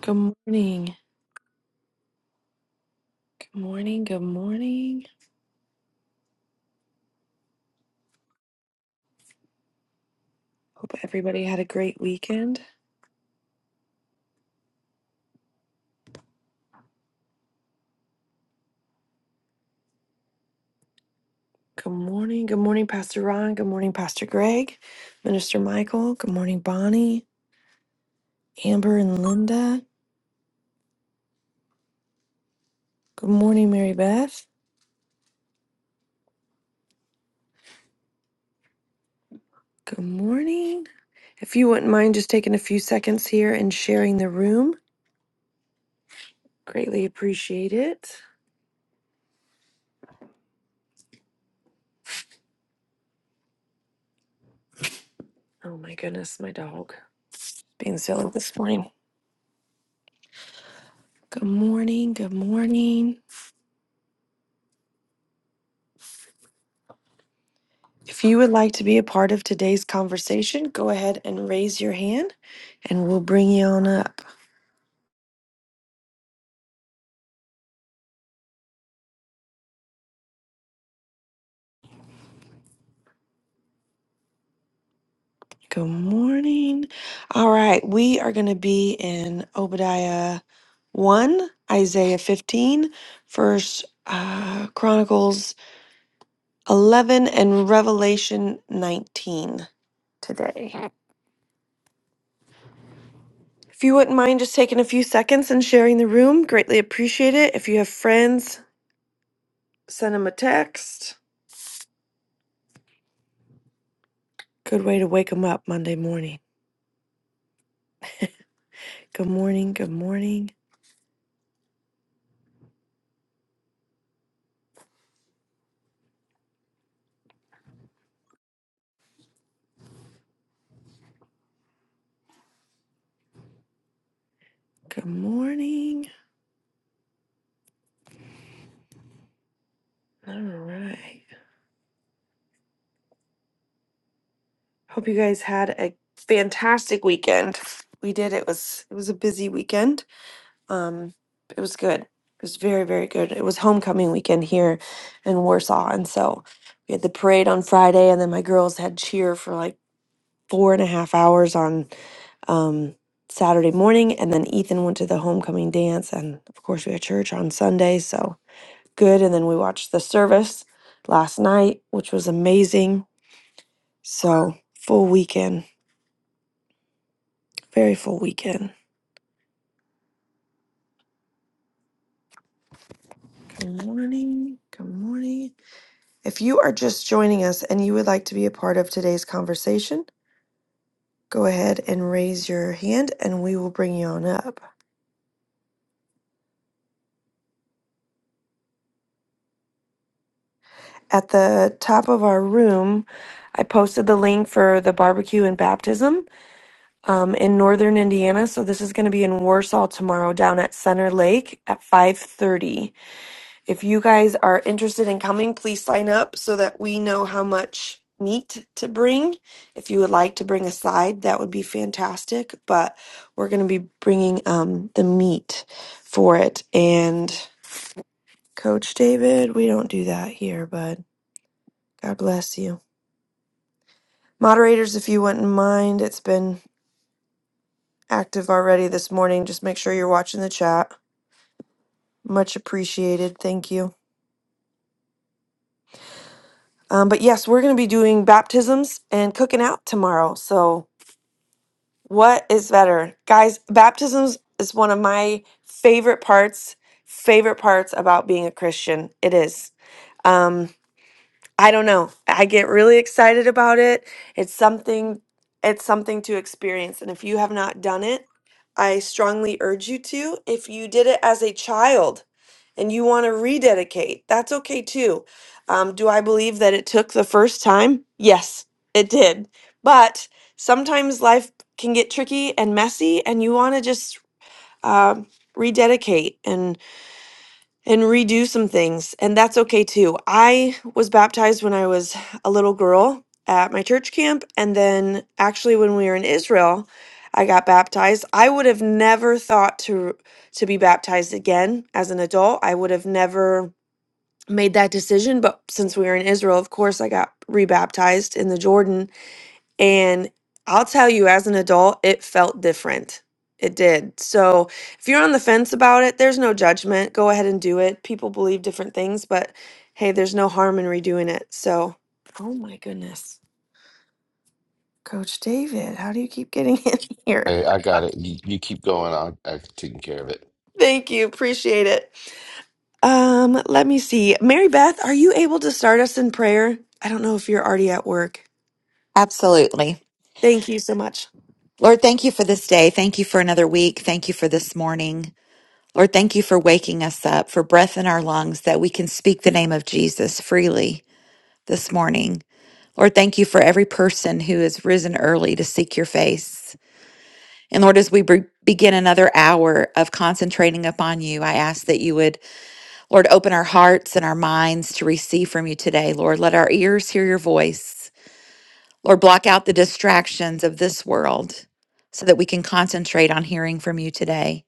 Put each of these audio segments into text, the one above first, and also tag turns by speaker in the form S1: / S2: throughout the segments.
S1: Good morning. Good morning. Good morning. Hope everybody had a great weekend. Good morning. Good morning, Pastor Ron. Good morning, Pastor Greg, Minister Michael. Good morning, Bonnie, Amber, and Linda. Good morning, Mary Beth. Good morning. If you wouldn't mind just taking a few seconds here and sharing the room, greatly appreciate it. Oh my goodness, my dog being silly this morning. Good morning. Good morning. If you would like to be a part of today's conversation, go ahead and raise your hand and we'll bring you on up. Good morning. All right, we are going to be in Obadiah 1, Isaiah 15, first uh, Chronicles 11 and Revelation 19 today. If you wouldn't mind just taking a few seconds and sharing the room, greatly appreciate it. If you have friends, send them a text. Good way to wake them up Monday morning. Good morning. Good morning. Good morning. All right. Hope you guys had a fantastic weekend. We did. It was it was a busy weekend. Um it was good. It was very very good. It was homecoming weekend here in Warsaw and so we had the parade on Friday and then my girls had cheer for like four and a half hours on um Saturday morning and then Ethan went to the homecoming dance and of course we had church on Sunday so good. And then we watched the service last night, which was amazing. So, full weekend, very full weekend. Good morning. Good morning. If you are just joining us and you would like to be a part of today's conversation, go ahead and raise your hand and we will bring you on up. At the top of our room, I posted the link for the barbecue and baptism um, in northern Indiana. So this is going to be in Warsaw tomorrow, down at Center Lake at 5:30. If you guys are interested in coming, please sign up so that we know how much meat to bring. If you would like to bring a side, that would be fantastic. But we're going to be bringing um, the meat for it. And Coach David, we don't do that here, bud. God bless you. Moderators, if you wouldn't mind, it's been active already this morning. Just make sure you're watching the chat. Much appreciated. Thank you. Um, but yes, we're going to be doing baptisms and cooking out tomorrow. So What is better? Guys, baptisms is one of my favorite parts, favorite parts about being a Christian. It is. Um, I don't know. I get really excited about it. It's something it's something to experience. And if you have not done it, I strongly urge you to. If you did it as a child and you want to rededicate, that's okay too. Um, do I believe that it took the first time? Yes, it did. But sometimes life can get tricky and messy, and you want to just um, rededicate. And and redo some things. And that's okay too. I was baptized when I was a little girl at my church camp. And then actually, when we were in Israel, I got baptized. I would have never thought to to be baptized again as an adult. I would have never made that decision, but since we were in Israel, of course, I got rebaptized in the Jordan and I'll tell you, as an adult, it felt different. It did. So if you're on the fence about it, there's no judgment. Go ahead and do it. People believe different things, but hey, there's no harm in redoing it. So, oh my goodness. Coach David, how do you keep getting in here?
S2: Hey, I got it. You, you keep going. I'll, I've taken care of it.
S1: Thank you. Appreciate it. Um, let me see. Mary Beth, are you able to start us in prayer? I don't know if you're already at work.
S3: Absolutely.
S1: Thank you so much.
S3: Lord, thank you for this day. Thank you for another week. Thank you for this morning. Lord, thank you for waking us up, for breath in our lungs, that we can speak the name of Jesus freely this morning. Lord, thank you for every person who has risen early to seek your face. And Lord, as we be- begin another hour of concentrating upon you, I ask that you would, Lord, open our hearts and our minds to receive from you today. Lord, let our ears hear your voice. Lord, block out the distractions of this world so that we can concentrate on hearing from you today.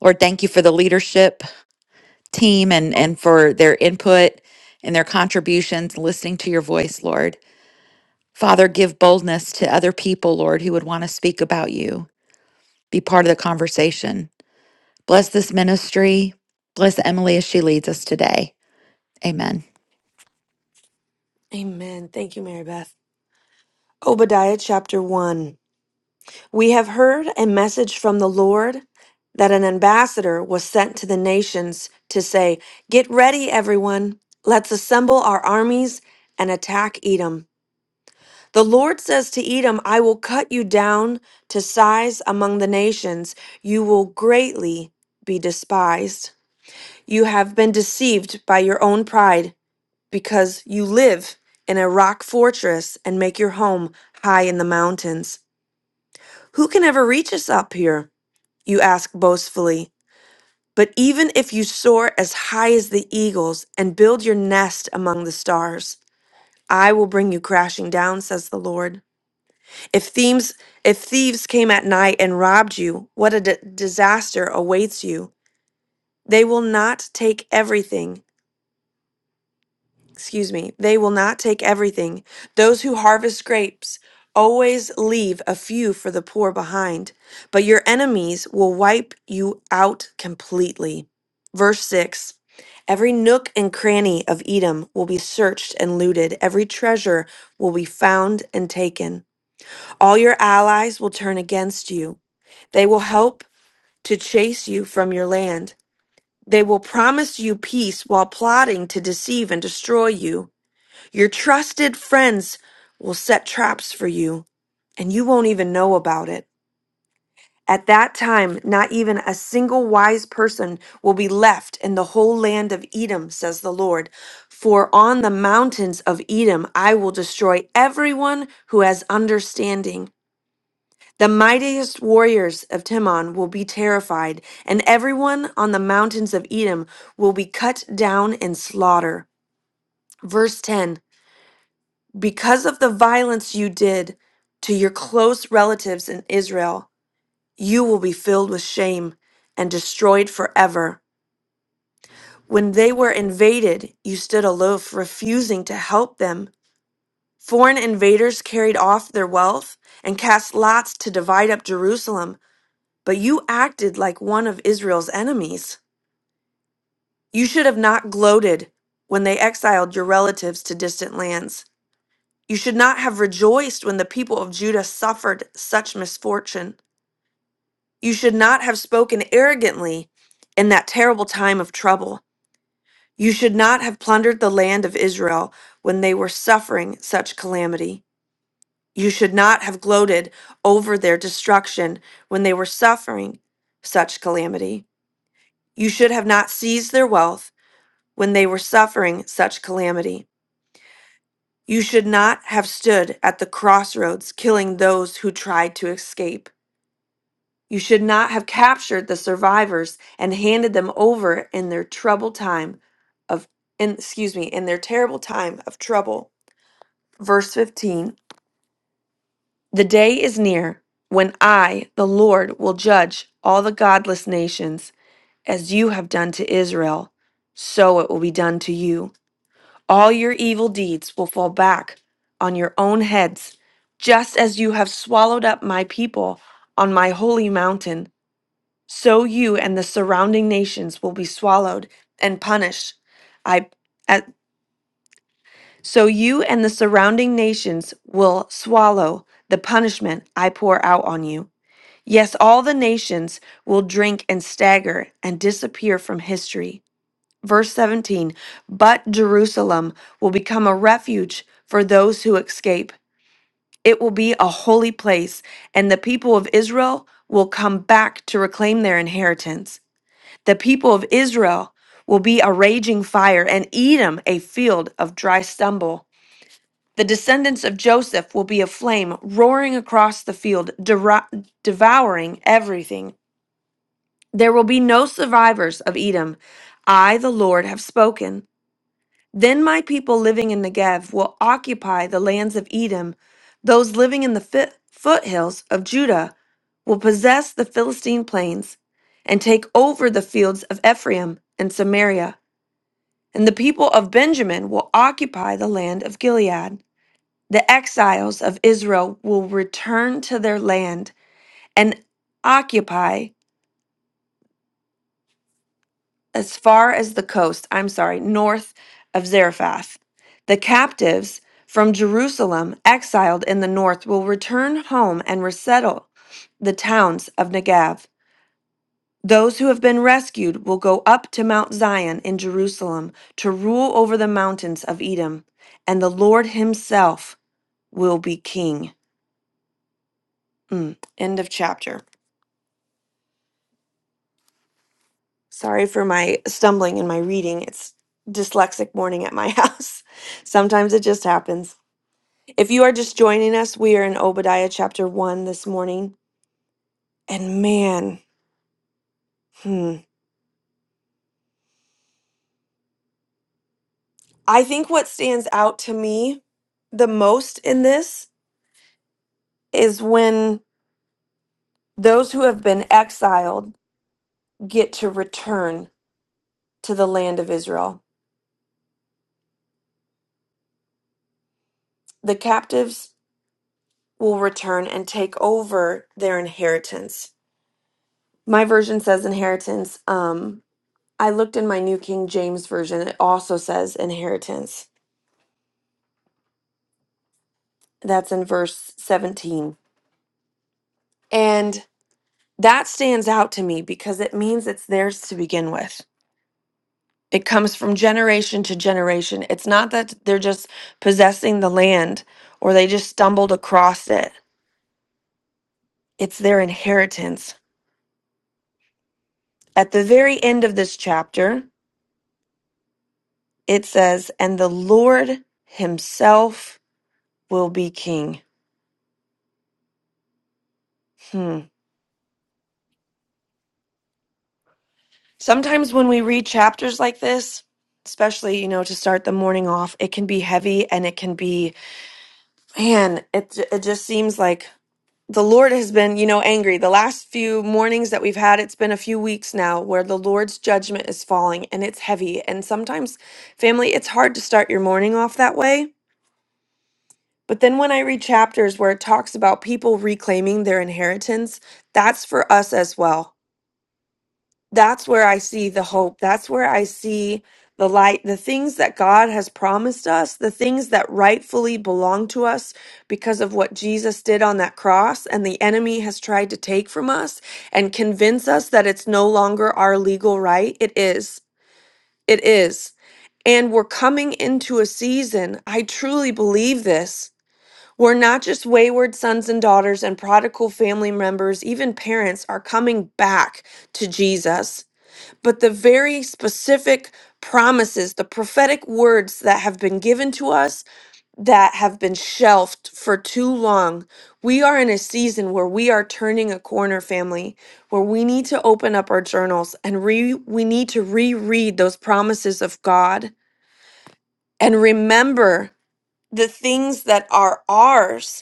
S3: Lord, thank you for the leadership team and, and for their input and their contributions, listening to your voice, Lord. Father, give boldness to other people, Lord, who would want to speak about you, be part of the conversation. Bless this ministry. Bless Emily as she leads us today. Amen.
S1: Amen. Thank you, Mary Beth. Obadiah chapter 1. We have heard a message from the Lord that an ambassador was sent to the nations to say, Get ready, everyone. Let's assemble our armies and attack Edom. The Lord says to Edom, I will cut you down to size among the nations. You will greatly be despised. You have been deceived by your own pride because you live in a rock fortress and make your home high in the mountains. Who can ever reach us up here? You ask boastfully. But even if you soar as high as the eagles and build your nest among the stars, I will bring you crashing down, says the Lord. If thieves, if thieves came at night and robbed you, what a d- disaster awaits you. They will not take everything. Excuse me. They will not take everything. Those who harvest grapes always leave a few for the poor behind, but your enemies will wipe you out completely. Verse 6 Every nook and cranny of Edom will be searched and looted, every treasure will be found and taken. All your allies will turn against you. They will help to chase you from your land. They will promise you peace while plotting to deceive and destroy you. Your trusted friends will set traps for you, and you won't even know about it. At that time, not even a single wise person will be left in the whole land of Edom, says the Lord. For on the mountains of Edom I will destroy everyone who has understanding. The mightiest warriors of Timon will be terrified, and everyone on the mountains of Edom will be cut down and slaughtered. Verse 10 Because of the violence you did to your close relatives in Israel, you will be filled with shame and destroyed forever. When they were invaded, you stood aloof, refusing to help them. Foreign invaders carried off their wealth and cast lots to divide up Jerusalem. But you acted like one of Israel's enemies. You should have not gloated when they exiled your relatives to distant lands. You should not have rejoiced when the people of Judah suffered such misfortune. You should not have spoken arrogantly in that terrible time of trouble. You should not have plundered the land of Israel when they were suffering such calamity. You should not have gloated over their destruction when they were suffering such calamity. You should have not seized their wealth when they were suffering such calamity. You should not have stood at the crossroads killing those who tried to escape. You should not have captured the survivors and handed them over in their troubled time of in, excuse me, in their terrible time of trouble. Verse 15. The day is near when I, the Lord, will judge all the godless nations as you have done to Israel, so it will be done to you. All your evil deeds will fall back on your own heads, just as you have swallowed up my people on my holy mountain. So you and the surrounding nations will be swallowed and punished. I at, so you and the surrounding nations will swallow the punishment I pour out on you. Yes, all the nations will drink and stagger and disappear from history. Verse 17 But Jerusalem will become a refuge for those who escape. It will be a holy place, and the people of Israel will come back to reclaim their inheritance. The people of Israel will be a raging fire, and Edom a field of dry stubble. The descendants of Joseph will be a flame roaring across the field, dera- devouring everything. There will be no survivors of Edom. I, the Lord, have spoken. Then my people living in Negev will occupy the lands of Edom. Those living in the fi- foothills of Judah will possess the Philistine plains and take over the fields of Ephraim and Samaria. And the people of Benjamin will occupy the land of Gilead. The exiles of Israel will return to their land and occupy. as far as the coast, I'm sorry, north of Zarephath. The captives from Jerusalem, exiled in the north, will return home and resettle the towns of Negev. Those who have been rescued will go up to Mount Zion in Jerusalem to rule over the mountains of Edom, and the Lord himself will be king. Mm. End of chapter. Sorry for my stumbling in my reading. It's dyslexic morning at my house. Sometimes it just happens. If you are just joining us, we are in Obadiah chapter 1 this morning. And man, hmm, I think what stands out to me the most in this is when those who have been exiled get to return to the land of Israel. The captives will return and take over their inheritance. My version says inheritance. Um, I looked in my New King James version, it also says inheritance. That's in verse 17. And That stands out to me because it means it's theirs to begin with. It comes from generation to generation. It's not that they're just possessing the land or they just stumbled across it, it's their inheritance. At the very end of this chapter, it says, And the Lord himself will be king. Hmm. Sometimes when we read chapters like this, especially, you know, to start the morning off, it can be heavy and it can be, man, it, it just seems like the Lord has been, you know, angry. The last few mornings that we've had, it's been a few weeks now where the Lord's judgment is falling and it's heavy. And sometimes, family, it's hard to start your morning off that way. But then when I read chapters where it talks about people reclaiming their inheritance, that's for us as well that's where I see the hope. That's where I see the light, the things that God has promised us, the things that rightfully belong to us because of what Jesus did on that cross and the enemy has tried to take from us and convince us that it's no longer our legal right. It is. It is. And we're coming into a season. I truly believe this. We're not just wayward sons and daughters and prodigal family members, even parents are coming back to Jesus but the very specific promises, the prophetic words that have been given to us that have been shelved for too long. We are in a season where we are turning a corner, family, where we need to open up our journals and re- we need to reread those promises of God and remember the things that are ours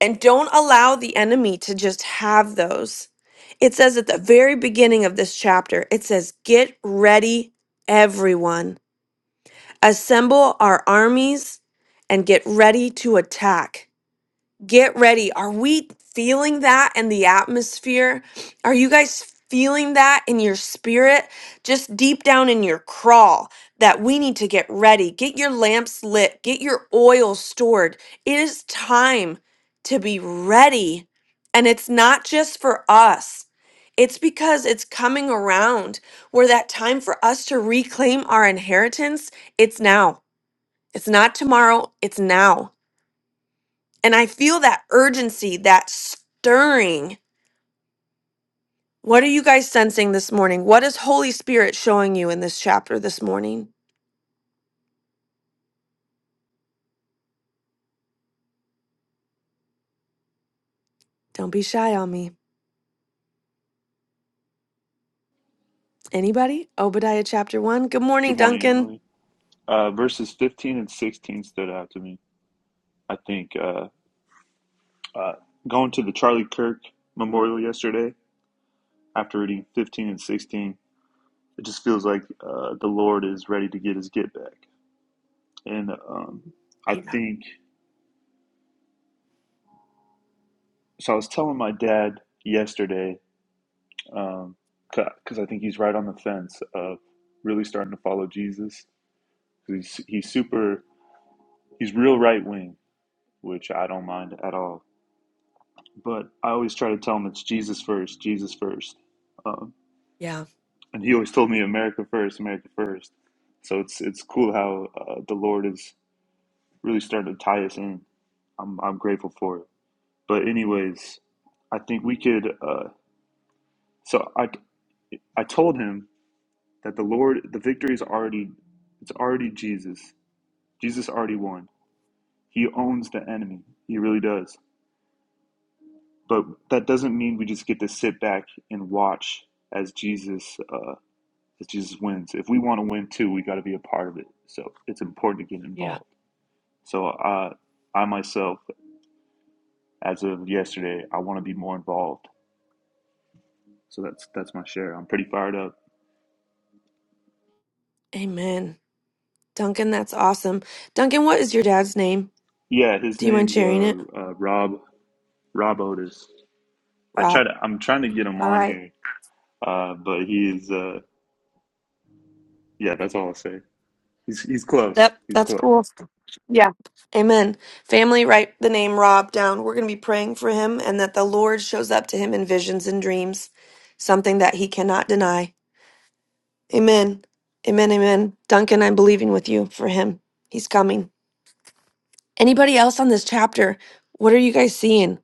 S1: and don't allow the enemy to just have those. It says at the very beginning of this chapter, it says, Get ready, everyone. Assemble our armies and get ready to attack. Get ready. Are we feeling that in the atmosphere? Are you guys feeling that in your spirit? Just deep down in your crawl that we need to get ready. Get your lamps lit, get your oil stored. It is time to be ready. And it's not just for us. It's because it's coming around where that time for us to reclaim our inheritance, it's now. It's not tomorrow, it's now. And I feel that urgency, that stirring. What are you guys sensing this morning? What is Holy Spirit showing you in this chapter this morning? Don't be shy on me. Anybody? Obadiah chapter one. Good morning,
S4: Good morning,
S1: Duncan.
S4: Emily. Uh, verses 15 and 16 stood out to me. I think uh, uh, going to the Charlie Kirk memorial yesterday, after reading 15 and 16, it just feels like uh, the Lord is ready to get his get back. And um, I
S1: Yeah.
S4: think, so I was telling my dad yesterday, um, because I think he's right on the fence of really starting to follow Jesus. He's, he's super, he's real right wing, which I don't mind at all but I always try to tell him it's Jesus first, Jesus first. Uh,
S1: Yeah.
S4: and he always told me America first, America first. So it's it's cool how uh, the Lord is really starting to tie us in. I'm I'm grateful for it. But anyways, I think we could. Uh, so I I told him that the Lord, the victory is already, it's already Jesus. Jesus already won. He owns the enemy. He really does. But that doesn't mean we just get to sit back and watch as Jesus. uh, that Jesus wins. If we want to win too, we got to be a part of it. So it's important to get involved. So uh, I myself, as of yesterday, I want to be more involved. So that's that's my share. I'm pretty fired up.
S1: Amen. Duncan, that's awesome. Duncan, what is your dad's name?
S4: Yeah, his
S1: Do you mind
S4: name's
S1: sharing
S4: uh,
S1: it?
S4: uh, Rob Rob Otis. I try
S1: Rob.
S4: to I'm trying to get him
S1: All
S4: on
S1: right.
S4: here, uh, but he's uh, yeah. That's all I'll say. He's he's close.
S1: Yep,
S4: He's
S1: that's
S4: close.
S1: cool. Yeah. Amen. Family, write the name Rob down. We're going to be praying for him and that the Lord shows up to him in visions and dreams, something that he cannot deny. Amen. Amen. Amen. Duncan, I'm believing with you for him. He's coming. Anybody else on this chapter? What are you guys seeing?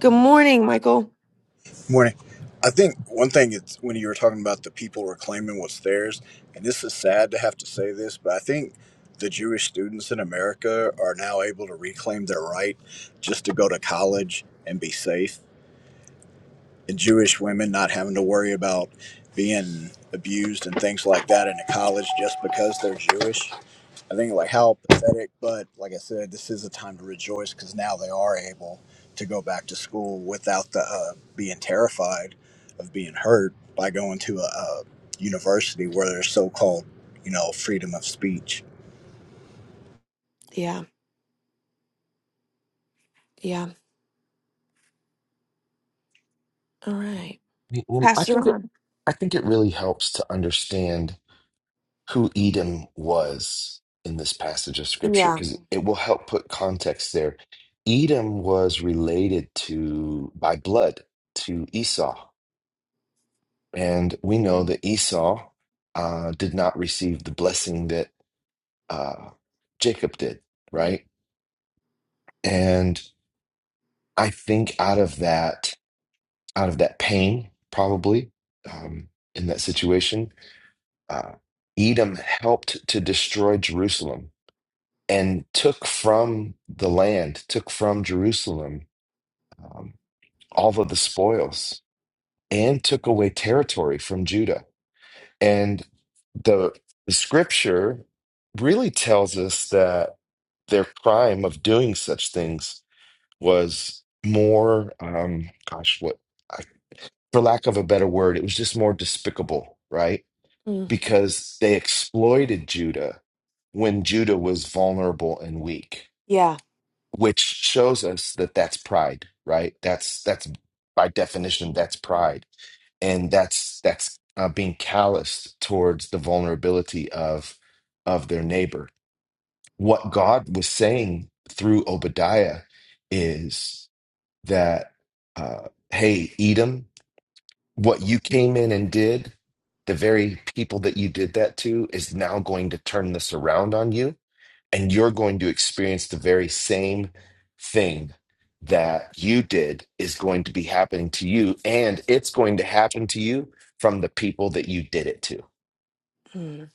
S1: Good morning, Michael.
S5: Morning. I think one thing it's when you were talking about the people reclaiming what's theirs, and this is sad to have to say this, but I think the Jewish students in America are now able to reclaim their right just to go to college and be safe, and Jewish women not having to worry about being abused and things like that in a college just because they're Jewish. I think like how pathetic, but like I said, this is a time to rejoice because now they are able to go back to school without the uh, being terrified of being hurt by going to a, a university where there's so-called, you know, freedom of speech.
S1: Yeah. Yeah. All right.
S2: You know, I
S1: Pastor
S2: think it,
S1: on.
S2: I think it really helps to understand who Edom was in this passage of scripture
S1: Yeah.
S2: because it will help put context there. Edom was related to by blood to Esau, and we know that Esau uh, did not receive the blessing that uh, Jacob did, right? And I think out of that. out of that pain, probably um, in that situation. Uh, Edom helped to destroy Jerusalem and took from the land, took from Jerusalem um, all of the spoils, and took away territory from Judah. And the, the scripture really tells us that their crime of doing such things was more, um, gosh, what? I for lack of a better word, it was just more despicable, right?
S1: Mm.
S2: Because they exploited Judah when Judah was vulnerable and weak,
S1: Yeah.
S2: which shows us that that's pride, right? That's that's by definition that's pride, and that's that's uh, being calloused towards the vulnerability of of their neighbor. What God was saying through Obadiah is that uh, hey, Edom what you came in and did, the very people that you did that to is now going to turn this around on you. And you're going to experience the very same thing that you did is going to be happening to you. And it's going to happen to you from the people that you did it to.
S1: Mm.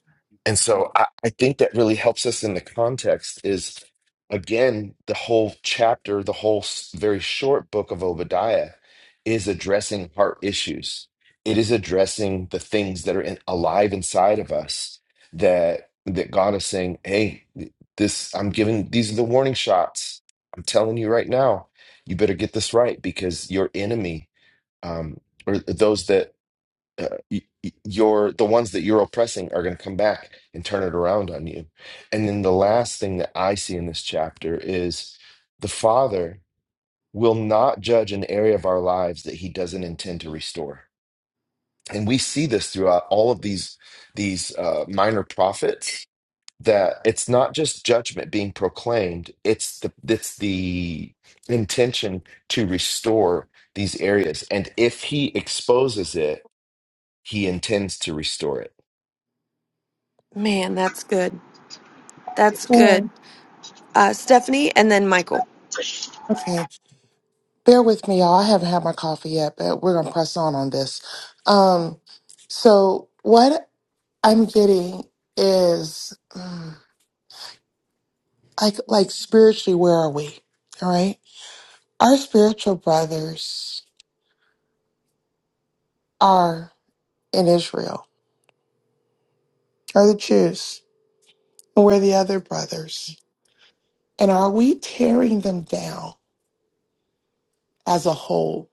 S2: And so I, I think that really helps us in the context is again, the whole chapter, the whole s- very short book of Obadiah is addressing heart issues. It is addressing the things that are in, alive inside of us that that God is saying, "Hey, this I'm giving these are the warning shots. I'm telling you right now, you better get this right because your enemy um, or those that uh, y- y- your the ones that you're oppressing are going to come back and turn it around on you. And then the last thing that I see in this chapter is the Father will not judge an area of our lives that He doesn't intend to restore. And we see this throughout all of these these uh, minor prophets that it's not just judgment being proclaimed; it's the it's the intention to restore these areas. And if He exposes it, He intends to restore it
S1: Man, that's good. That's
S6: Yeah.
S1: good. Uh, Stephanie and then Michael.
S6: Okay. Bear with me, y'all. I haven't had my coffee yet, but we're gonna press on on this. Um, so what I'm getting is mm, like like spiritually, where are we? All right. Our spiritual brothers are in Israel, are the Jews, and we're the other brothers. And are we tearing them down as a whole?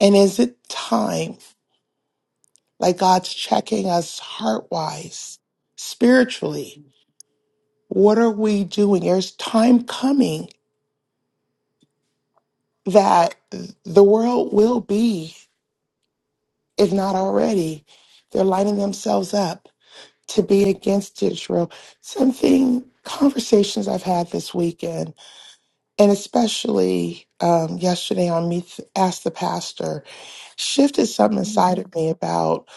S6: And is it time, like God's checking us heart wise, spiritually? What are we doing? There's time coming that the world will be, if not already, they're lining themselves up to be against Israel. Something, conversations I've had this weekend, and especially um, yesterday on Meet Ask the Pastor, shifted something inside of me about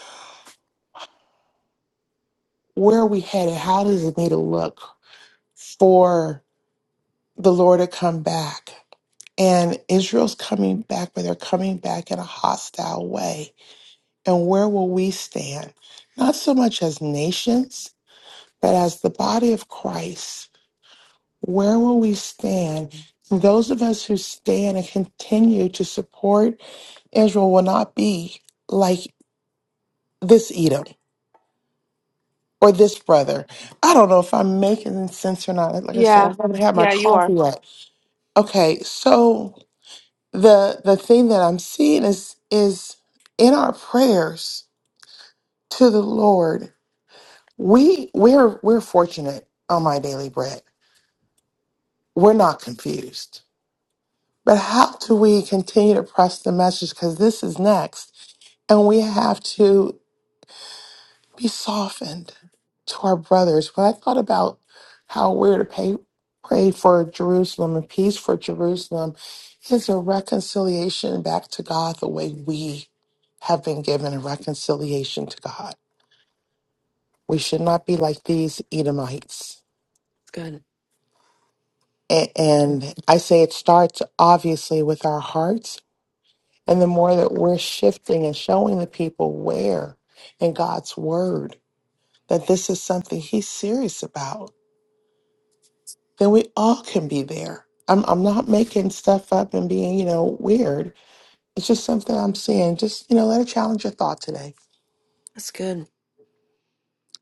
S6: where are we headed? How does it need to look for the Lord to come back? And Israel's coming back, but they're coming back in a hostile way. And where will we stand? Not so much as nations, but as the body of Christ. Where will we stand? those of us who stand and continue to support Israel will not be like this Edom or this brother. I don't know if I'm making sense or not. Like I said, I
S1: Yeah.
S6: haven't had my
S1: Yeah, you are.
S6: coffee yet. Okay, so. the the thing that I'm seeing is is in our prayers to the Lord, we we're we're fortunate on my daily bread. We're not confused. But how do we continue to press the message? Because this is next. And we have to be softened to our brothers. When I thought about how we're to pay, pray for Jerusalem and peace for Jerusalem, is a reconciliation back to God the way we have been given a reconciliation to God. We should not be like these Edomites.
S1: That's good.
S6: A- And I say it starts obviously with our hearts. And the more that we're shifting and showing the people where in God's word that this is something He's serious about then we all can be there. I'm I'm not making stuff up and being, you know, weird. It's just something I'm seeing. Just, you know, let it challenge your thought today.
S1: That's good.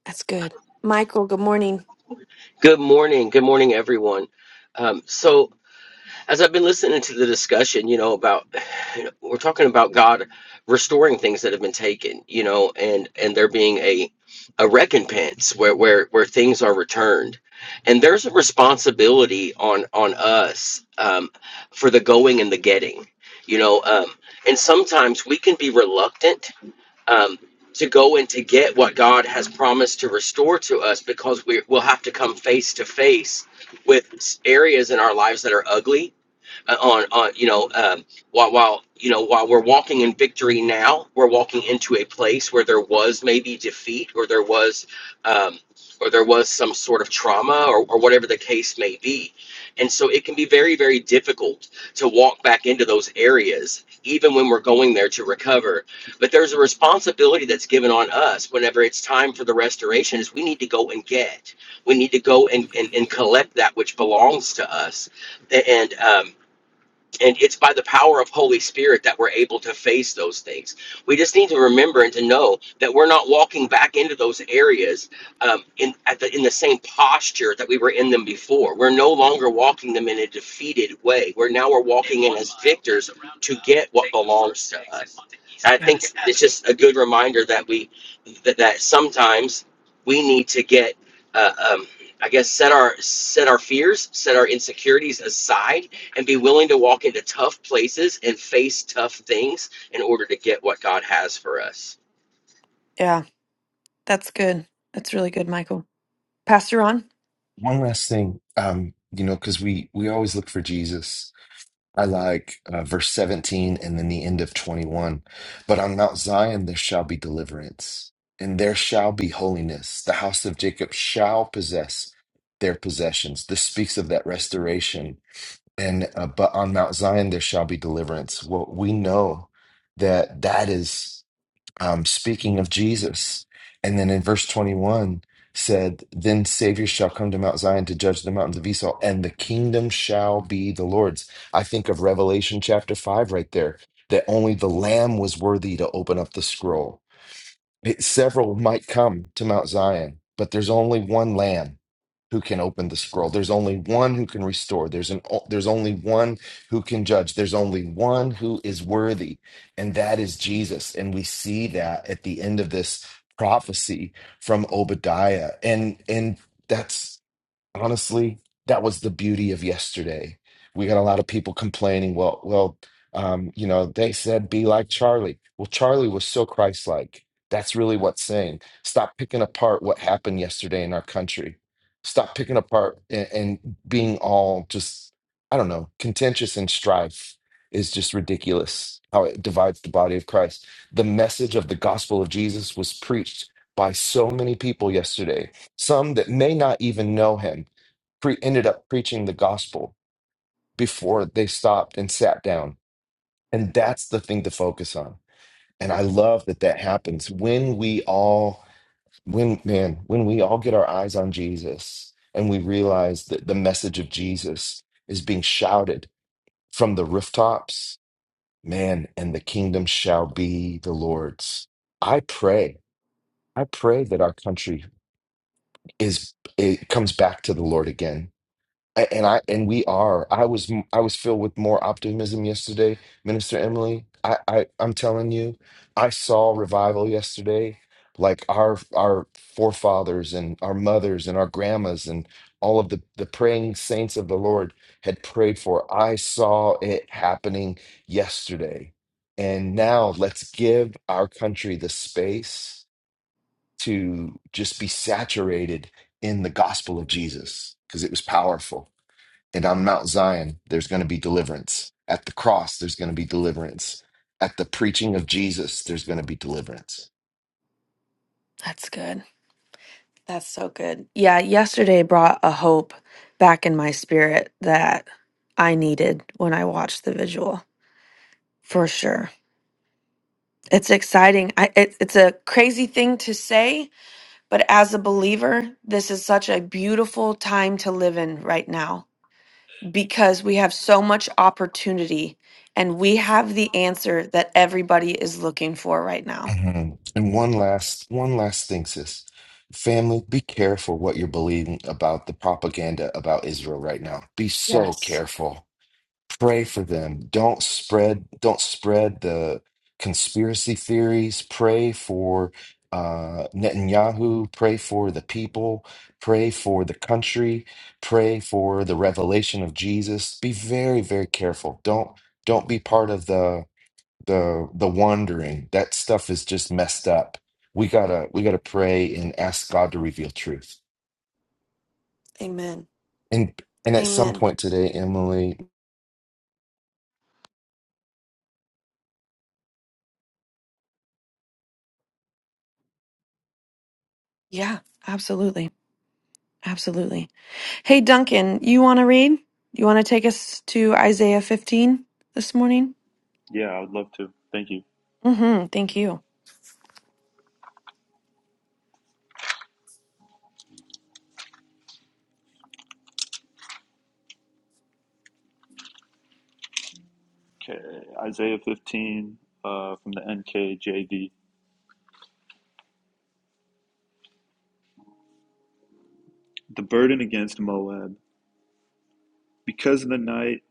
S1: That's good. Michael, good morning.
S7: Good morning. Good morning, everyone. Um, so, as I've been listening to the discussion, you know, about you know, we're talking about God restoring things that have been taken, you know, and and there being a a recompense where where where things are returned, and there's a responsibility on on us um, for the going and the getting, you know, um, and sometimes we can be reluctant um, to go and to get what God has promised to restore to us because we will have to come face to face with areas in our lives that are ugly uh, on on you know um, while while you know while we're walking in victory now, we're walking into a place where there was maybe defeat or there was um, or there was some sort of trauma or, or whatever the case may be, and so it can be very very difficult to walk back into those areas even when we're going there to recover. But there's a responsibility that's given on us whenever it's time for the restoration is we need to go and get, we need to go and and, and collect that which belongs to us, and um, and it's by the power of holy spirit that we're able to face those things we just need to remember and to know that we're not walking back into those areas um, in, at the, in the same posture that we were in them before we're no longer walking them in a defeated way we're now we're walking in as victors to get what belongs to us And i
S1: Yeah.
S7: think it's just a good reminder that we that, that sometimes we need to get uh, um, i guess set our set our fears set our insecurities aside and be willing to walk into tough places and face tough things in order to get what God has for us.
S1: Yeah. That's good. That's really good, Michael. Pastor Ron?
S2: One last thing, um, you know, because we we always look for Jesus. I like uh, verse 17 and then the end of 21. But on Mount Zion there shall be deliverance, and there shall be holiness. The house of Jacob shall possess their possessions. This speaks of that restoration. And uh, but on Mount Zion there shall be deliverance. Well, we know that that is um, speaking of Jesus. And then in verse 21 said, Then Savior shall come to Mount Zion to judge the mountains of Esau, and the kingdom shall be the Lord's. I think of Revelation chapter 5 right there, that only the Lamb was worthy to open up the scroll it, several might come to Mount Zion, but there's only one Lamb who can open the scroll. There's only one who can restore. There's an o- there's only one who can judge. There's only one who is worthy, and that is Jesus. And we see that at the end of this prophecy from Obadiah, and and that's honestly, that was the beauty of yesterday. We got a lot of people complaining. Well, well, um, you know, they said be like Charlie. Well, Charlie was so Christ-like. That's really what's saying. Stop picking apart what happened yesterday in our country. Stop picking apart and, and being all just, I don't know, contentious and strife is just ridiculous how it divides the body of Christ. The message of the gospel of Jesus was preached by so many people yesterday some that may not even know him pre- ended up preaching the gospel before they stopped and sat down. And that's the thing to focus on. And I love that that happens when we all, when, man, when we all get our eyes on Jesus and we realize that the message of Jesus is being shouted from the rooftops, man, and the kingdom shall be the Lord's. I pray, I pray that our country is, it comes back to the Lord again A- And I and we are. I was I was filled with more optimism yesterday, Minister Emily. I, I I'm telling you, I saw revival yesterday, like our our forefathers and our mothers and our grandmas and all of the the praying saints of the Lord had prayed for. I saw it happening yesterday. And now let's give our country the space to just be saturated in the gospel of Jesus because it was powerful. And on Mount Zion, there's going to be deliverance. At the cross, there's going to be deliverance. At the preaching of Jesus, there's going to be deliverance.
S1: That's good. That's so good. Yeah, yesterday brought a hope back in my spirit that I needed when I watched the visual, for sure. It's exciting. I, it, it's a crazy thing to say, but as a believer, this is such a beautiful time to live in right now. because we have so much opportunity and we have the answer that everybody is looking for right now.
S2: Mhm. And one last, one last thing, sis. Family, be careful what you're believing about the propaganda about Israel right now. Be so
S1: Yes.
S2: careful. pray for them don't spread don't spread the conspiracy theories pray for uh, Netanyahu pray for the people pray for the country pray for the revelation of Jesus be very very careful don't don't be part of the the the wandering that stuff is just messed up we gotta we gotta pray and ask God to reveal truth
S1: Amen.
S2: and and at some
S1: Amen.
S2: point today Emily
S1: Yeah, absolutely. Absolutely. Hey, Duncan, you want to read? You want to take us to Isaiah 15 this morning?
S4: Yeah, I would love to. Thank you.
S1: Mm-hmm. Thank you.
S4: Okay, Isaiah 15 uh, from the NKJV. The burden against Moab. Because of the night,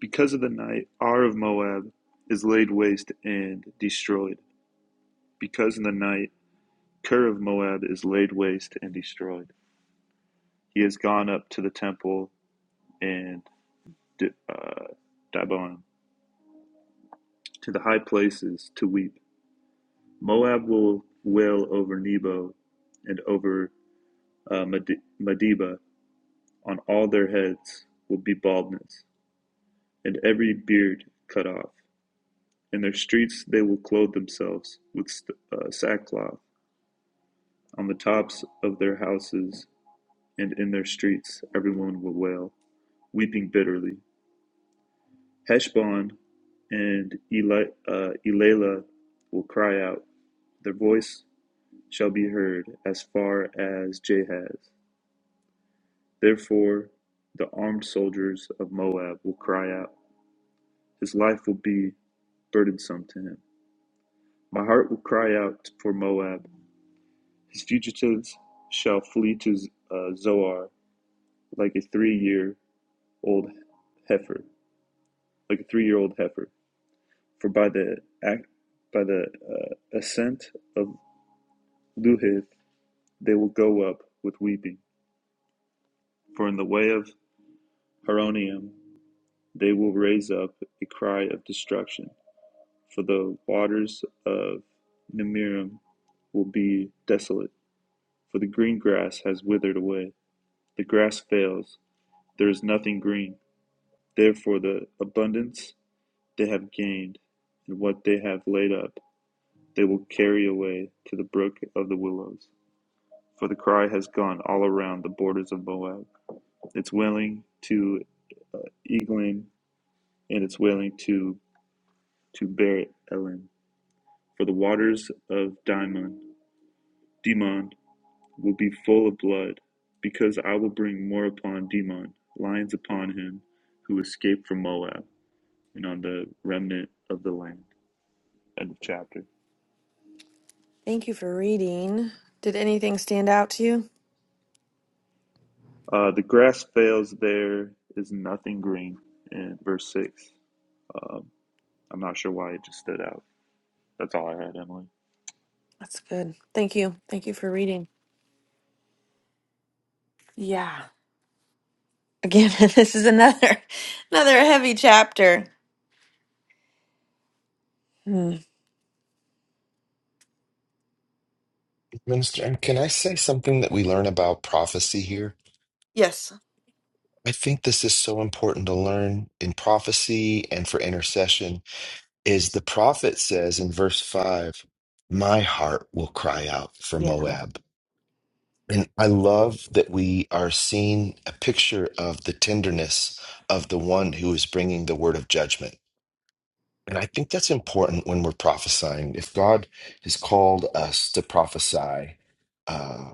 S4: because of the night, Ar of Moab is laid waste and destroyed. Because of the night, Ker of Moab is laid waste and destroyed. He has gone up to the temple and uh, Dabon, to the high places to weep. Moab will wail over Nebo and over uh, Medeba. On all their heads will be baldness, and every beard cut off. In their streets they will clothe themselves with st- uh, sackcloth; on the tops of their houses and in their streets everyone will wail, weeping bitterly. Heshbon and Eli- uh, Elilah will cry out; their voice shall be heard as far as Jahaz. Therefore the armed soldiers of Moab will cry out; his life will be burdensome to him. My heart will cry out for Moab. His fugitives shall flee to Z- uh, Zoar like a three-year-old heifer, like a three-year-old heifer. For by the ac by the uh, ascent of Luhith they will go up with weeping. For in the way of Haronium they will raise up a cry of destruction. For the waters of Nemirim will be desolate. For the green grass has withered away. The grass fails. There is nothing green Therefore the abundance they have gained, and what they have laid up, they will carry away to the brook of the willows. For the cry has gone all around the borders of Moab. It's wailing to Eglon, and it's wailing to to Beret Elim. For the waters of Dimon, Dimon will be full of blood, because I will bring more upon Dimon, lions upon him who escaped from Moab, and on the remnant of the land. End of chapter.
S1: Thank you for reading. Did anything stand out to you?
S4: Uh, the grass fails, there is nothing green. In verse 6. Um, I'm not sure why it just stood out. That's all I had, Emily.
S1: That's good. Thank you. Thank you for reading. Yeah. Again, this is another another heavy chapter. Hmm.
S2: Minister, and can I say something that we learn about prophecy here?
S1: Yes.
S2: I think this is so important to learn in prophecy and for intercession is the prophet says in verse 5, "My heart will cry out for
S1: Yeah.
S2: Moab." And I love that we are seeing a picture of the tenderness of the one who is bringing the word of judgment. And I think that's important when we're prophesying. If God has called us to prophesy, uh,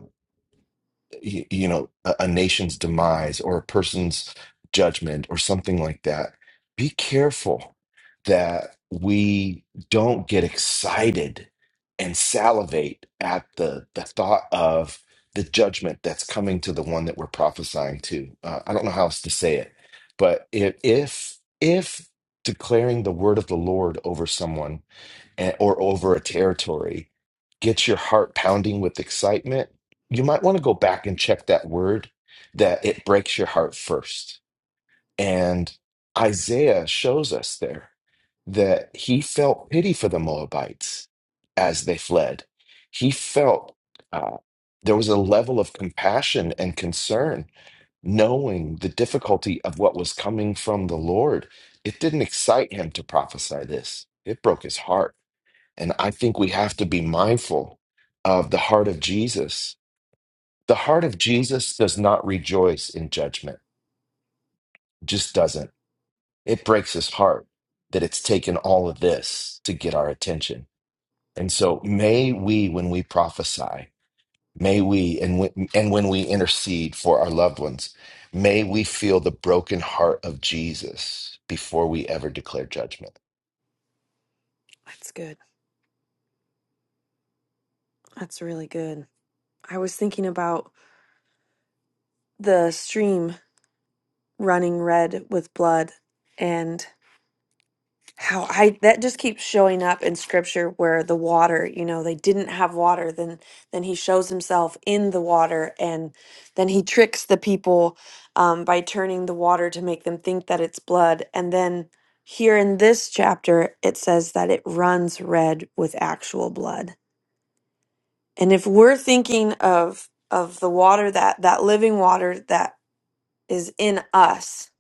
S2: y- you know a, a nation's demise or a person's judgment or something like that be careful that we don't get excited and salivate at the the thought of the judgment that's coming to the one that we're prophesying to uh, i don't know how else to say it but if if if declaring the word of the lord over someone and- or over a territory gets your heart pounding with excitement, you might want to go back and check that word that it breaks your heart first. And Isaiah shows us there that he felt pity for the Moabites as they fled. He felt uh, there was a level of compassion and concern, knowing the difficulty of what was coming from the Lord. It didn't excite him to prophesy this, it broke his heart and I think we have to be mindful of the heart of Jesus. The heart of Jesus does not rejoice in judgment, just doesn't. It breaks his heart that it's taken all of this to get our attention. And so may we, when we prophesy, may we, and when, and when we intercede for our loved ones, may we feel the broken heart of Jesus before we ever declare judgment.
S1: That's good. That's really good. I was thinking about the stream running red with blood and how I that just keeps showing up in scripture where the water, you know, they didn't have water, then then he shows himself in the water and then he tricks the people um, by turning the water to make them think that it's blood. And then here in this chapter it says that it runs red with actual blood. And if we're thinking of of the water that that living water that is in us,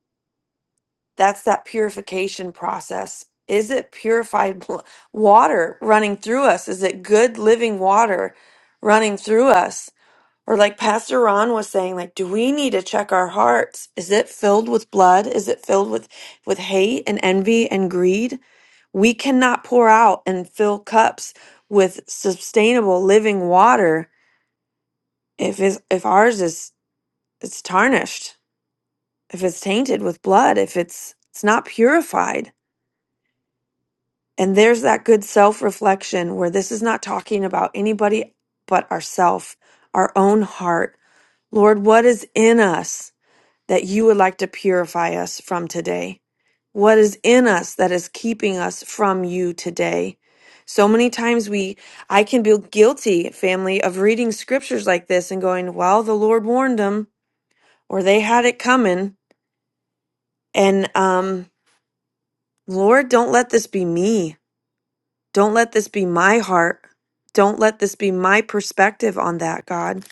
S1: that's that purification process. Is it purified bl- water running through us? Is it good living water running through us? Or like Pastor Ron was saying, like, do we need to check our hearts? Is it filled with blood? Is it filled with with hate and envy and greed? We cannot pour out and fill cups with sustainable living water if is if ours is it's tarnished if it's tainted with blood if it's it's not purified and there's that good self-reflection where this is not talking about anybody but ourself our own heart lord what is in us that you would like to purify us from today what is in us that is keeping us from you today so many times we i can be guilty family of reading scriptures like this and going well the lord warned them or they had it coming. And um, Lord, don't let this be me. Don't let this be my heart. Don't let this be my perspective on that, God.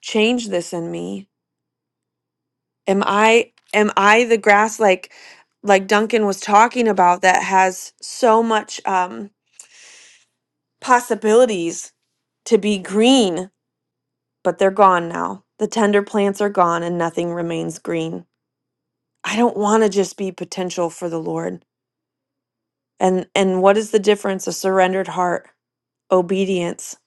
S1: Change this in me. Am I am I the grass like like Duncan was talking about that has so much um possibilities to be green, but they're gone now. The tender plants are gone and nothing remains green. I don't want to just be potential for the Lord. and and what is the difference a surrendered heart obedience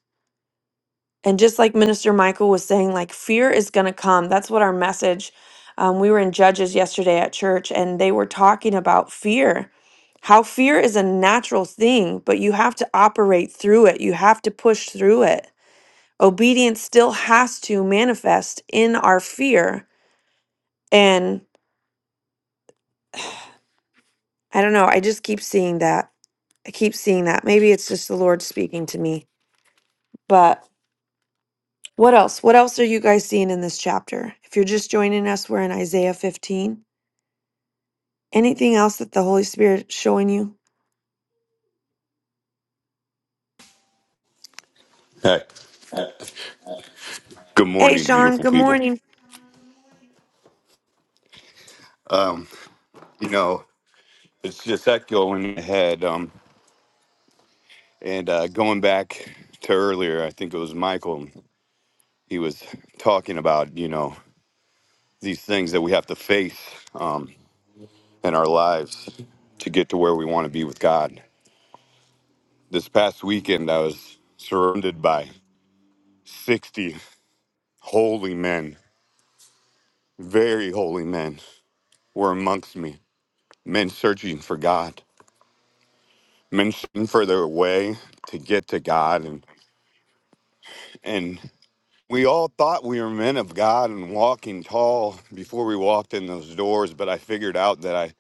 S1: and just like minister michael was saying like fear is going to come that's what our message um, we were in judges yesterday at church and they were talking about fear how fear is a natural thing but you have to operate through it you have to push through it obedience still has to manifest in our fear and i don't know i just keep seeing that i keep seeing that maybe it's just the lord speaking to me but What else? What else are you guys seeing in this chapter? If you're just joining us, we're in Isaiah 15. Anything else that the Holy Spirit is showing you?
S8: Hey, good
S1: Hey,
S8: morning,
S1: Sean,
S8: beautiful
S1: good
S8: people.
S1: morning.
S8: Um, you know, it's just that going ahead. Um, and uh, going back to earlier, I think it was Michael. He was talking about you know these things that we have to face um, in our lives to get to where we want to be with God. This past weekend, I was surrounded by sixty holy men, very holy men, were amongst me, men searching for God mentioning for their way to get to God and and we all thought we were men of God and walking tall before we walked in those doors, but I figured out that I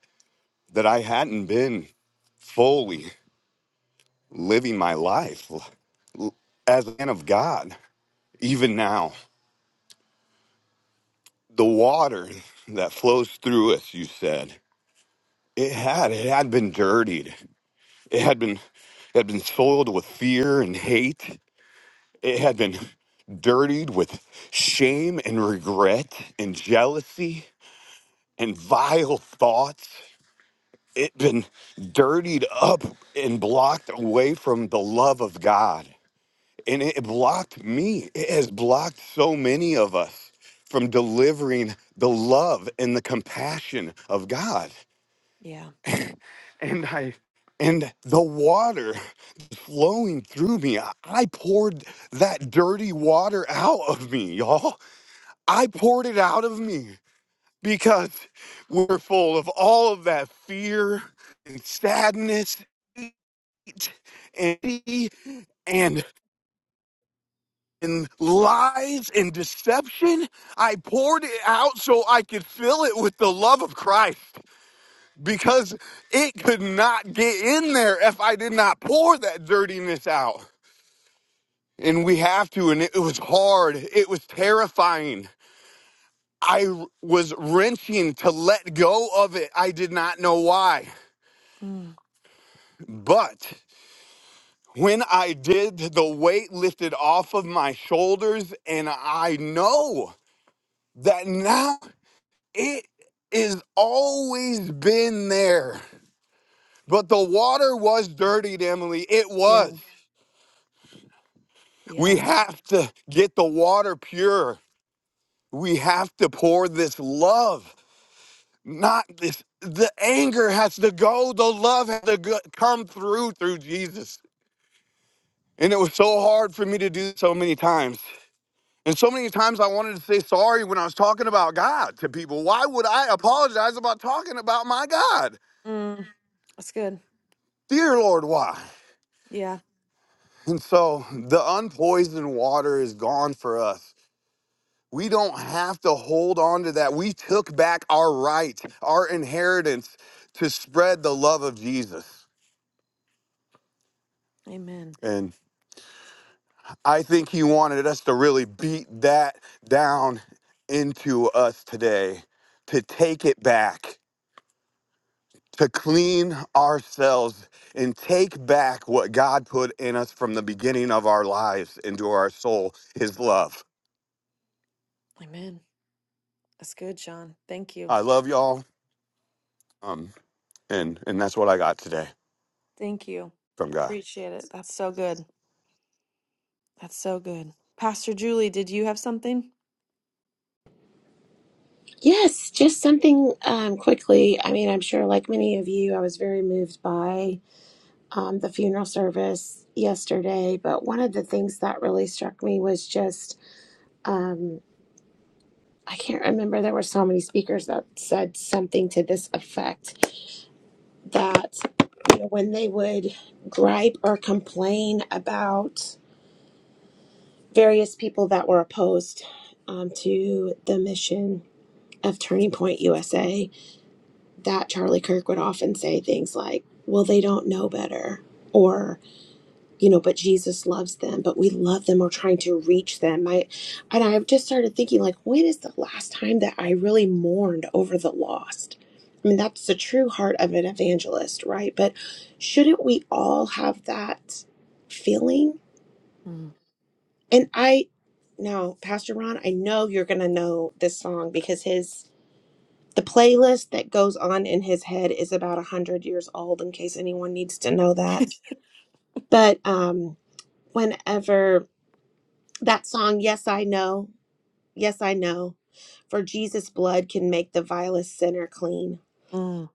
S8: that I hadn't been fully living my life l- as a man of God. Even now, the water that flows through us, you said, it had it had been dirtied. It had been it had been soiled with fear and hate It had been dirtied with shame and regret and jealousy and vile thoughts. It had been dirtied up and blocked away from the love of God. And it blocked me. It has blocked so many of us from delivering the love and the compassion of God.
S1: Yeah.
S8: And I and the water flowing through me, I poured that dirty water out of me, y'all. I poured it out of me because we're full of all of that fear and sadness and and and lies and deception. I poured it out so I could fill it with the love of Christ because it could not get in there if I did not pour that dirtiness out. And we have to, and it was hard. It was terrifying. I was wrenching to let go of it. I did not know why.
S1: Mm,
S8: But when I did, the weight lifted off of my shoulders, and I know that now it is always been there. But the water was dirtied, Emily. It
S1: yeah.
S8: was. We
S1: Yeah.
S8: have to get the water pure. We have to pour this love. Not this. The anger has to go. The love has to go, come through through Jesus. And it was so hard for me to do so many times. And so many times I wanted to say sorry when I was talking about God to people. Why would I apologize about talking about my God?
S1: Mm, that's good.
S8: Dear Lord, why?
S1: Yeah.
S8: And so the unpoisoned water is gone for us. We don't have to hold on to that. We took back our right, our inheritance to spread the love of Jesus.
S1: Amen.
S8: and. I think he wanted us to really beat that down into us today, to take it back, to clean ourselves and take back what God put in us from the beginning of our lives into our soul, his love.
S1: Amen. That's good, Sean. Thank you.
S8: I love y'all. Um, and and that's what I got today
S1: Thank you.
S8: from God.
S1: Appreciate it. That's so good. That's so good. Pastor Julie, did you have something?
S9: Yes, just something um, quickly. I mean, I'm sure, like many of you, I was very moved by um, the funeral service yesterday. But one of the things that really struck me was just um, I can't remember. There were so many speakers that said something to this effect that you know, when they would gripe or complain about various people that were opposed um, to the mission of Turning Point USA that Charlie Kirk would often say things like, well, they don't know better. Or, you know, but Jesus loves them, but we love them or trying to reach them. I, and I've just started thinking, like, when is the last time that I really mourned over the lost? I mean, that's the true heart of an evangelist, right? But shouldn't we all have that feeling?
S1: Mm.
S9: And I, now, Pastor Ron, I know you're going to know this song because his the playlist that goes on in his head is about 100 years old, in case anyone needs to know that. But um, whenever that song, Yes, I Know, Yes, I Know, for Jesus' blood can make the vilest sinner clean.
S1: Mm.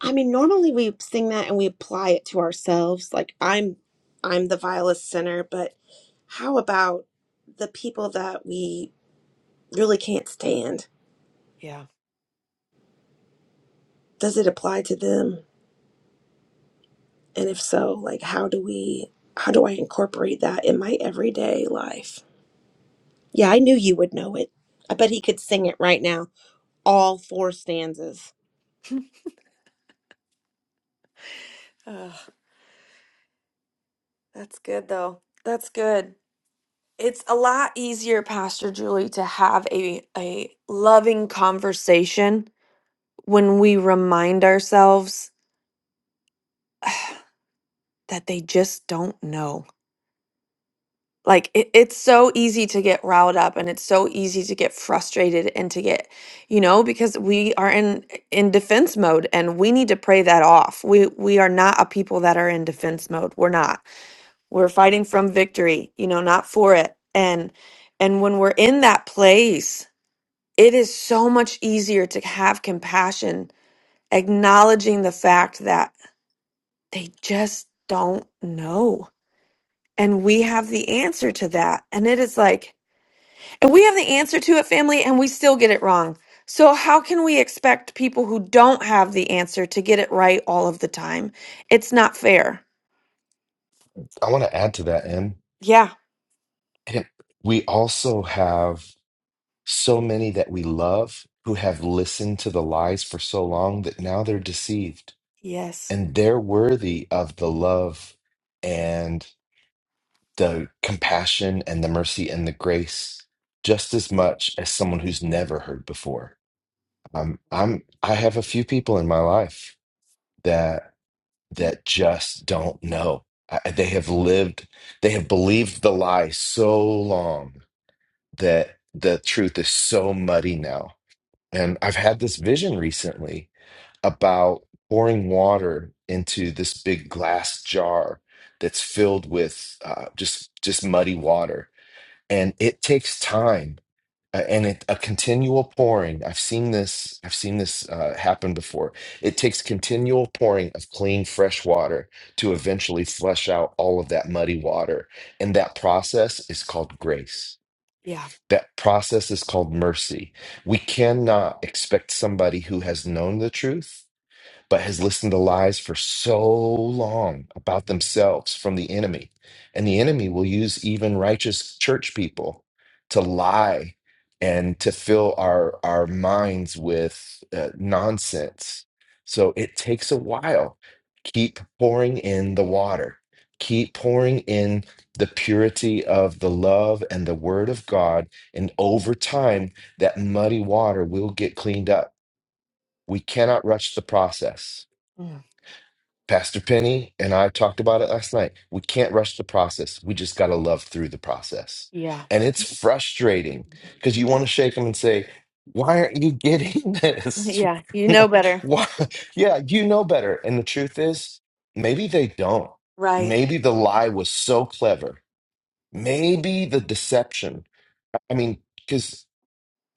S9: I mean, normally we sing that and we apply it to ourselves. Like, I'm, I'm the vilest sinner, but how about the people that we really can't stand?
S1: Yeah.
S9: Does it apply to them? And if so, like how do we how do I incorporate that in my everyday life? Yeah, I knew you would know it. I bet he could sing it right now, all four stanzas.
S1: Ugh, that's good though. That's good. It's a lot easier, Pastor Julie, to have a a loving conversation when we remind ourselves that they just don't know. like it, it's so easy to get riled up and it's so easy to get frustrated and to get you know because we are in in defense mode and we need to pray that off we we are not a people that are in defense mode we're not we're fighting from victory you know not for it and and when we're in that place it is so much easier to have compassion acknowledging the fact that they just don't know and we have the answer to that and it is like And we have the answer to it, family, and we still get it wrong. So, how can we expect people who don't have the answer to get it right all of the time? It's not fair.
S2: I want to add to that, and
S1: Yeah.
S2: we also have so many that we love who have listened to the lies for so long that now they're deceived
S1: Yes.
S2: and they're worthy of the love and the compassion and the mercy and the grace just as much as someone who's never heard before um, i'm i have a few people in my life that that just don't know I, they have lived they have believed the lie so long that the truth is so muddy now And I've had this vision recently about pouring water into this big glass jar that's filled with uh, just just muddy water, and it takes time uh, and it, a continual pouring. I've seen this. I've seen this uh, happen before. It takes continual pouring of clean, fresh water to eventually flush out all of that muddy water, and that process is called grace
S1: Yeah.
S2: that process is called mercy. We cannot expect somebody who has known the truth but has listened to lies for so long about themselves from the enemy. And the enemy will use even righteous church people to lie and to fill our, our minds with uh, nonsense. So it takes a while. Keep pouring in the water, keep pouring in the purity of the love and the word of God. And over time, that muddy water will get cleaned up. We cannot rush the process
S1: Mm.
S2: Pastor Penny and I talked about it last night. We can't rush the process. We just got to love through the process.
S1: Yeah.
S2: And it's frustrating because you want to shake them and say, Why aren't you getting this?
S1: Yeah. You know better.
S2: Why? Yeah, you know better. And the truth is, maybe they don't.
S1: Right.
S2: Maybe the lie was so clever. Maybe the deception. I mean, because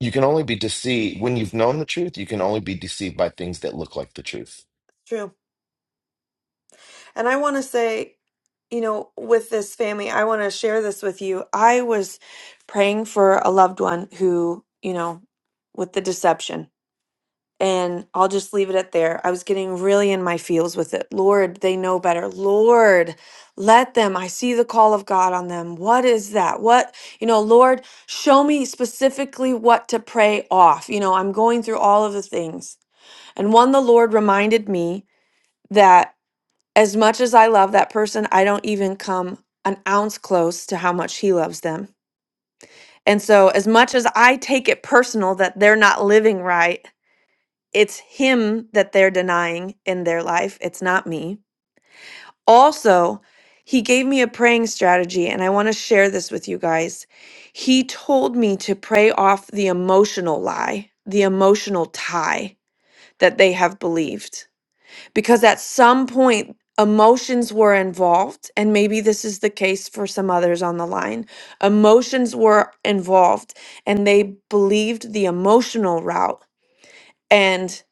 S2: you can only be deceived when you've known the truth, you can only be deceived by things that look like the truth.
S1: And I want to say, you know, with this family, I want to share this with you. I was praying for a loved one who, you know, with the deception. And I'll just leave it at there. I was getting really in my feels with it. Lord, they know better. Lord, let them. I see the call of God on them. What is that? What, you know, Lord, show me specifically what to pray off. You know, I'm going through all of the things. And one, the Lord reminded me that. As much as I love that person, I don't even come an ounce close to how much he loves them. And so, as much as I take it personal that they're not living right, it's him that they're denying in their life. It's not me. Also, he gave me a praying strategy, and I want to share this with you guys. He told me to pray off the emotional lie, the emotional tie that they have believed. because at some point emotions were involved and maybe this is the case for some others on the line emotions were involved and they believed the emotional route and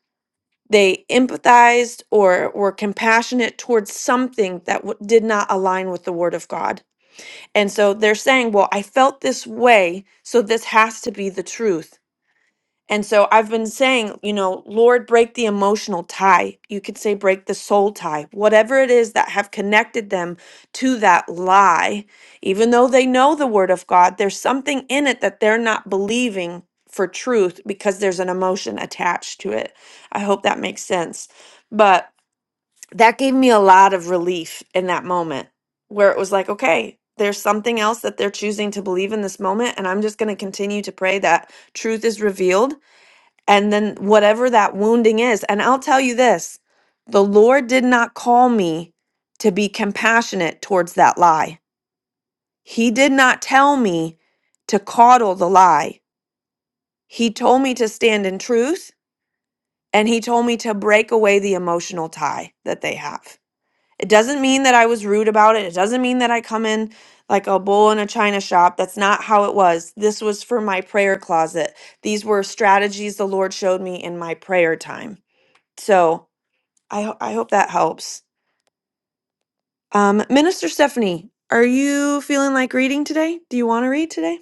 S1: they empathized or were compassionate towards something that w- did not align with the word of god and so they're saying well i felt this way so this has to be the truth and so I've been saying, you know, Lord, break the emotional tie. You could say break the soul tie, whatever it is that have connected them to that lie. Even though they know the word of God, there's something in it that they're not believing for truth because there's an emotion attached to it. I hope that makes sense. But that gave me a lot of relief in that moment where it was like, okay, there's something else that they're choosing to believe in this moment. And I'm just going to continue to pray that truth is revealed and then whatever that wounding is. And I'll tell you this the Lord did not call me to be compassionate towards that lie. He did not tell me to coddle the lie. He told me to stand in truth and he told me to break away the emotional tie that they have. It doesn't mean that I was rude about it. It doesn't mean that I come in like a bull in a china shop. That's not how it was. This was for my prayer closet. These were strategies the Lord showed me in my prayer time. So, I ho- I hope that helps. Um, Minister Stephanie, are you feeling like reading today? Do you want to read today?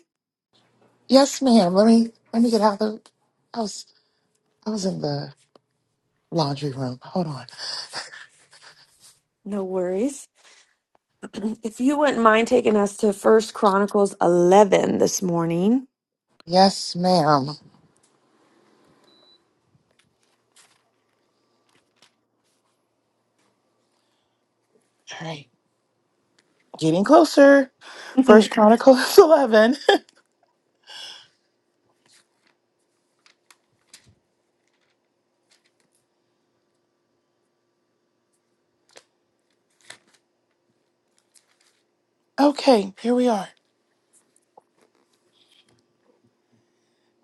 S6: Yes, ma'am. Let me let me get out the I was I was in the laundry room. Hold on.
S1: No worries. If you wouldn't mind taking us to First Chronicles eleven this morning.
S6: Yes, ma'am. All right. Getting closer. First
S1: Mhm.
S6: Chronicles eleven. Okay, here we are.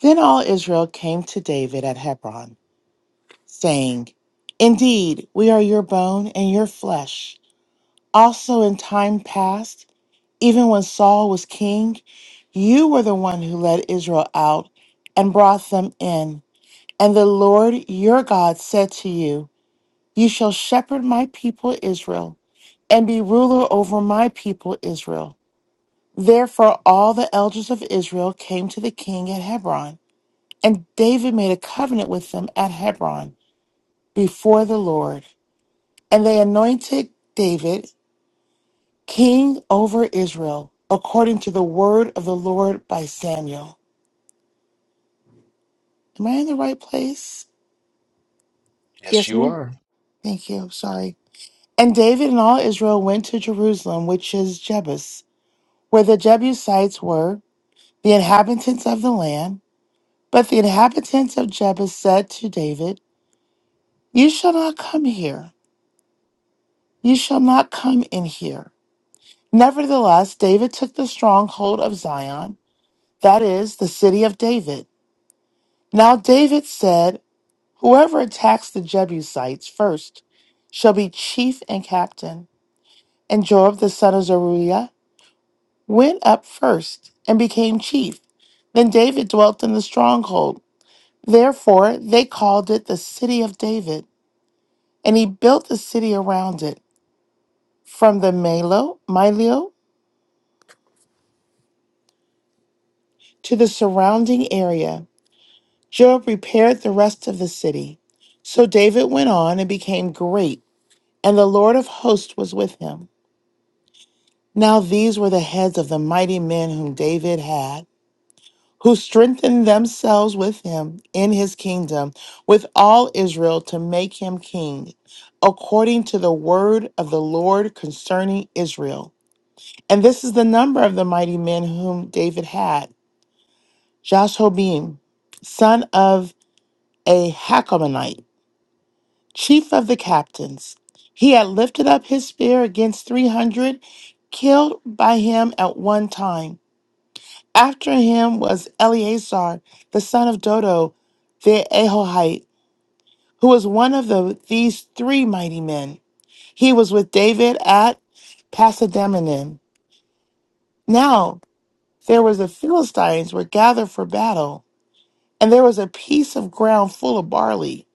S6: Then all Israel came to David at Hebron, saying, Indeed, we are your bone and your flesh. Also, in time past, even when Saul was king, you were the one who led Israel out and brought them in. And the Lord your God said to you, You shall shepherd my people Israel and be ruler over my people Israel. Therefore, all the elders of Israel came to the king at Hebron, and David made a covenant with them at Hebron before the Lord. And they anointed David king over Israel, according to the word of the Lord by Samuel. Am I in the right place?
S2: Yes,
S1: yes,
S2: you
S1: ma'am.
S2: are.
S6: Thank you. Sorry. And David and all Israel went to Jerusalem, which is Jebus, where the Jebusites were, the inhabitants of the land. But the inhabitants of Jebus said to David, You shall not come here. You shall not come in here. Nevertheless, David took the stronghold of Zion, that is, the city of David. Now David said, Whoever attacks the Jebusites first shall be chief and captain. And Joab the son of Zeruiah went up first and became chief. Then David dwelt in the stronghold. Therefore they called it the city of David. And he built the city around it, from the Melo, Milo to the surrounding area. Joab repaired the rest of the city. So David went on and became great, and the Lord of hosts was with him. Now these were the heads of the mighty men whom David had, who strengthened themselves with him in his kingdom, with all Israel to make him king, according to the word of the Lord concerning Israel. And this is the number of the mighty men whom David had Jashobim, son of a Hakamonite, chief of the captains. He had lifted up his spear against 300, killed by him at one time. After him was Eleazar, the son of Dodo, the Ahohite, who was one of the, these three mighty men. He was with David at Pasadamenim. Now there was the Philistines were gathered for battle, and there was a piece of ground full of barley.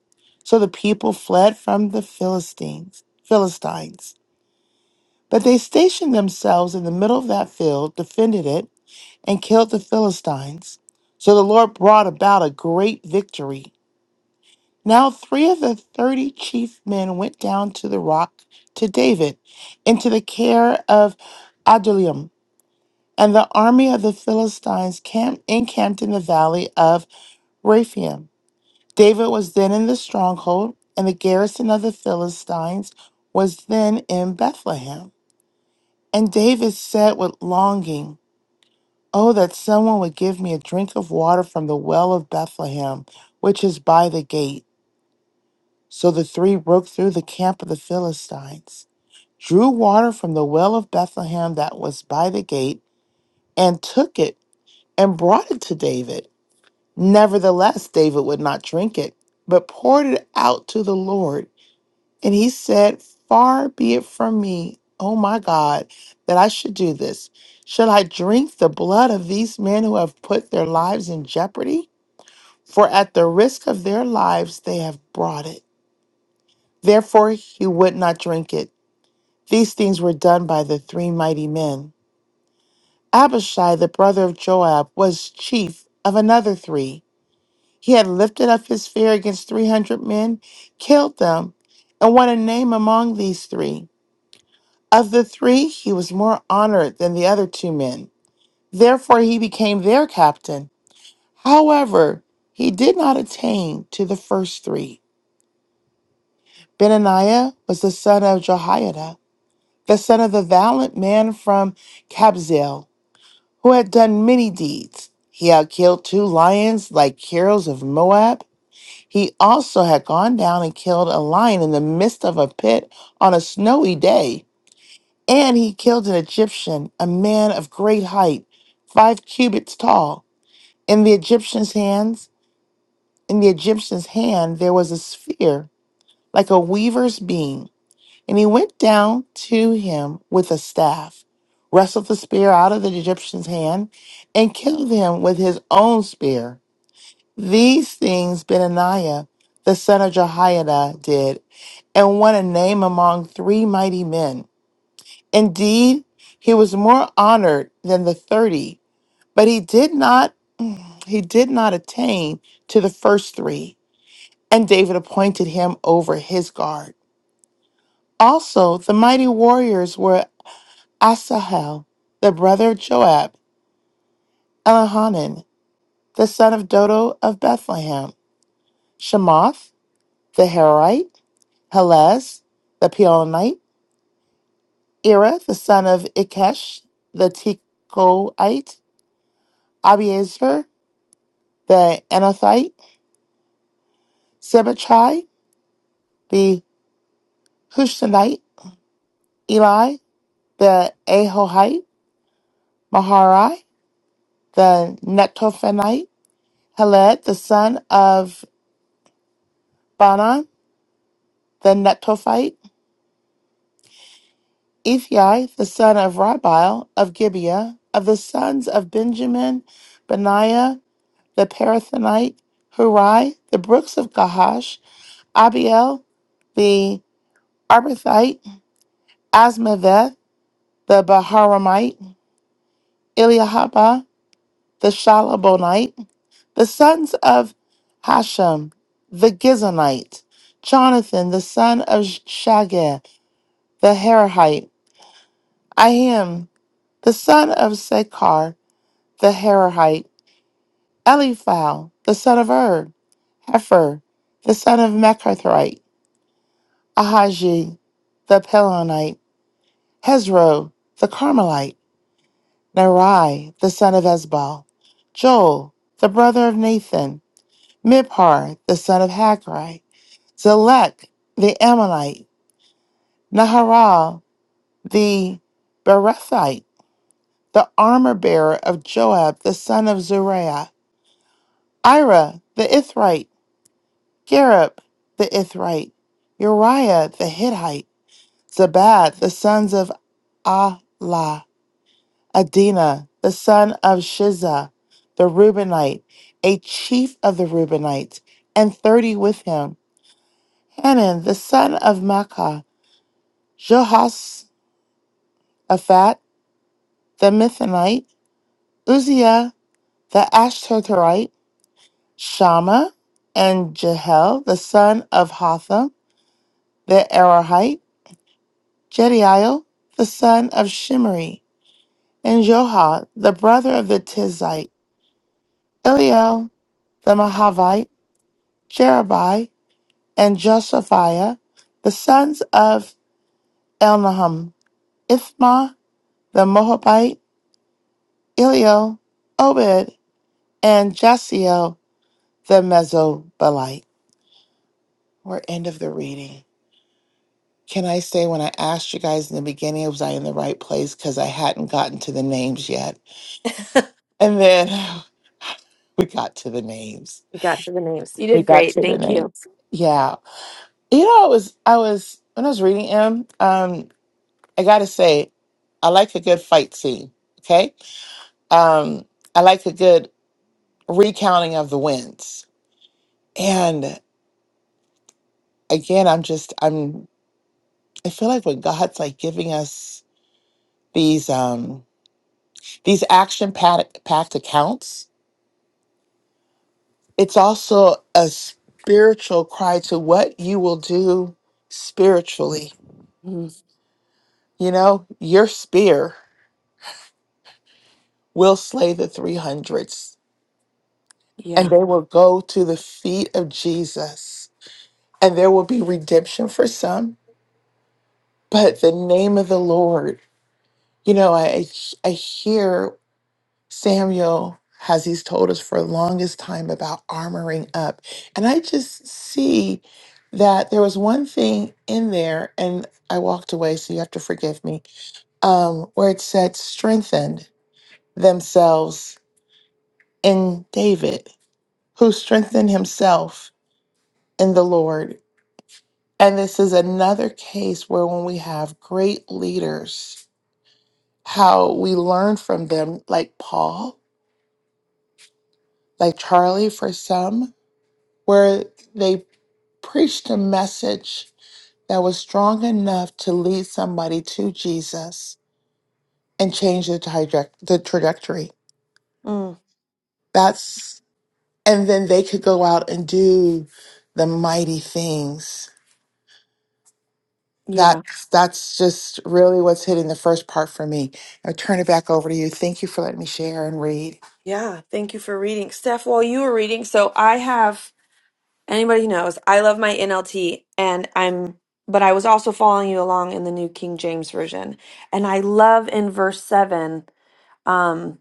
S6: So the people fled from the Philistines. Philistines. But they stationed themselves in the middle of that field, defended it, and killed the Philistines. So the Lord brought about a great victory. Now three of the thirty chief men went down to the rock to David into the care of Adullam, and the army of the Philistines camped, encamped in the valley of Rephaim. David was then in the stronghold, and the garrison of the Philistines was then in Bethlehem. And David said with longing, Oh, that someone would give me a drink of water from the well of Bethlehem, which is by the gate. So the three broke through the camp of the Philistines, drew water from the well of Bethlehem that was by the gate, and took it and brought it to David. Nevertheless, David would not drink it, but poured it out to the Lord. And he said, Far be it from me, oh my God, that I should do this. Should I drink the blood of these men who have put their lives in jeopardy? For at the risk of their lives, they have brought it. Therefore, he would not drink it. These things were done by the three mighty men. Abishai, the brother of Joab, was chief of another three. He had lifted up his spear against 300 men, killed them, and won a name among these three. Of the three, he was more honored than the other two men. Therefore, he became their captain. However, he did not attain to the first three. Benaniah was the son of Jehoiada, the son of the valiant man from Kabzeel, who had done many deeds. He had killed two lions like heroes of Moab. He also had gone down and killed a lion in the midst of a pit on a snowy day And he killed an Egyptian, a man of great height, five cubits tall. In the Egyptian's hands, in the Egyptian's hand there was a sphere like a weaver's beam, and he went down to him with a staff, wrestled the spear out of the Egyptian's hand, and killed him with his own spear. These things Benaniah, the son of Jehoiada, did, and won a name among three mighty men. Indeed, he was more honored than the 30, but he did not he did not attain to the first 3, and David appointed him over his guard. Also, the mighty warriors were Asahel, the brother of Joab, Elihanan, the son of Dodo of Bethlehem, Shemoth, the Herite, Helez, the Peonite, Ira, the son of Ikesh, the Tekoite, Abiezer, the Anathite, Sibbachai, the Hushtonite, Eli, the Ahohite, Maharai, the Netophenite, Heled, the son of Banan, the Netophite, Ephi, the son of Rabiel of Gibeah, of the sons of Benjamin, Benaiah, the Parathonite, Hurai, the brooks of Gahash, Abiel, the Arbathite, Asmaveth, the Baharamite, Eliahaba, the Shalabonite, The sons of Hashem, the Gizonite, Jonathan, the son of Shageh, the Herahite, Ahim, the son of Sekar, the Herahite, Eliphal, the son of Ur, Hefer, the son of Mechathite, Ahaji, the Pelonite, Hezro, the Carmelite, Nerai, the son of Esbal, Joel, the brother of Nathan, Miphar, the son of Hagri, Zelek, the Ammonite, Naharal, the Berethite, the armor bearer of Joab, the son of Zuriah, Ira, the Ithrite, Gareb, the Ithrite, Uriah, the Hittite, Zabad, the sons of Allah, Adina, the son of Shiza, the Reubenite, a chief of the Reubenites, and thirty with him, Hanan, the son of Makkah, Jehoshaphat the Mithanite, Uzziah the Ashtarite, Shammah, and Jehiel the son of Hatham the Arahite, Jediel the son of Shimri, and Joha the brother of the Tizite, Eliel the Mahavite, Jerubai, and Josaphiah the sons of Elnaham, Ithma the Moabite, Eliel, Obed, and Jasiel the Mesobilite. We're end of the reading. Can I say when I asked you guys in the beginning, was I in the right place? Because I hadn't gotten to the names yet. And then we got to the names.
S1: We got to the names. You
S6: We
S1: did
S6: got
S1: great.
S6: to the
S1: Thank you.
S6: names. Yeah. You know, I was I was when I was reading him, um, I gotta say, I like a good fight scene. Okay. Um, I like a good recounting of the wins. And again, I'm just I'm I feel like when God's like giving us these um. these action packed accounts it's also a spiritual cry to what you will do spiritually
S1: Mm,
S6: you know your spear will slay the 300s and
S1: yeah.
S6: they will go to the feet of jesus and there will be redemption for some but the name of the lord you know i i hear Samuel has he's told us for the longest time about armoring up. And I just see that there was one thing in there, and I walked away, so you have to forgive me, um, where it said, strengthened themselves in David, who strengthened himself in the Lord. And this is another case where when we have great leaders, how we learn from them, like Paul, like Charlie for some, where they preached a message that was strong enough to lead somebody to Jesus and change the, traje- the trajectory.
S1: Mm,
S6: That's, and then they could go out and do the mighty things.
S1: yeah.
S6: That's, that's just really what's hitting the first part for me. I'll turn it back over to you. Thank you for letting me share and read.
S1: Yeah. Thank you for reading, Steph. While you were reading, so I have Anybody knows, I love my NLT and I'm but I was also following you along in the New King James version. And I love in verse 7 um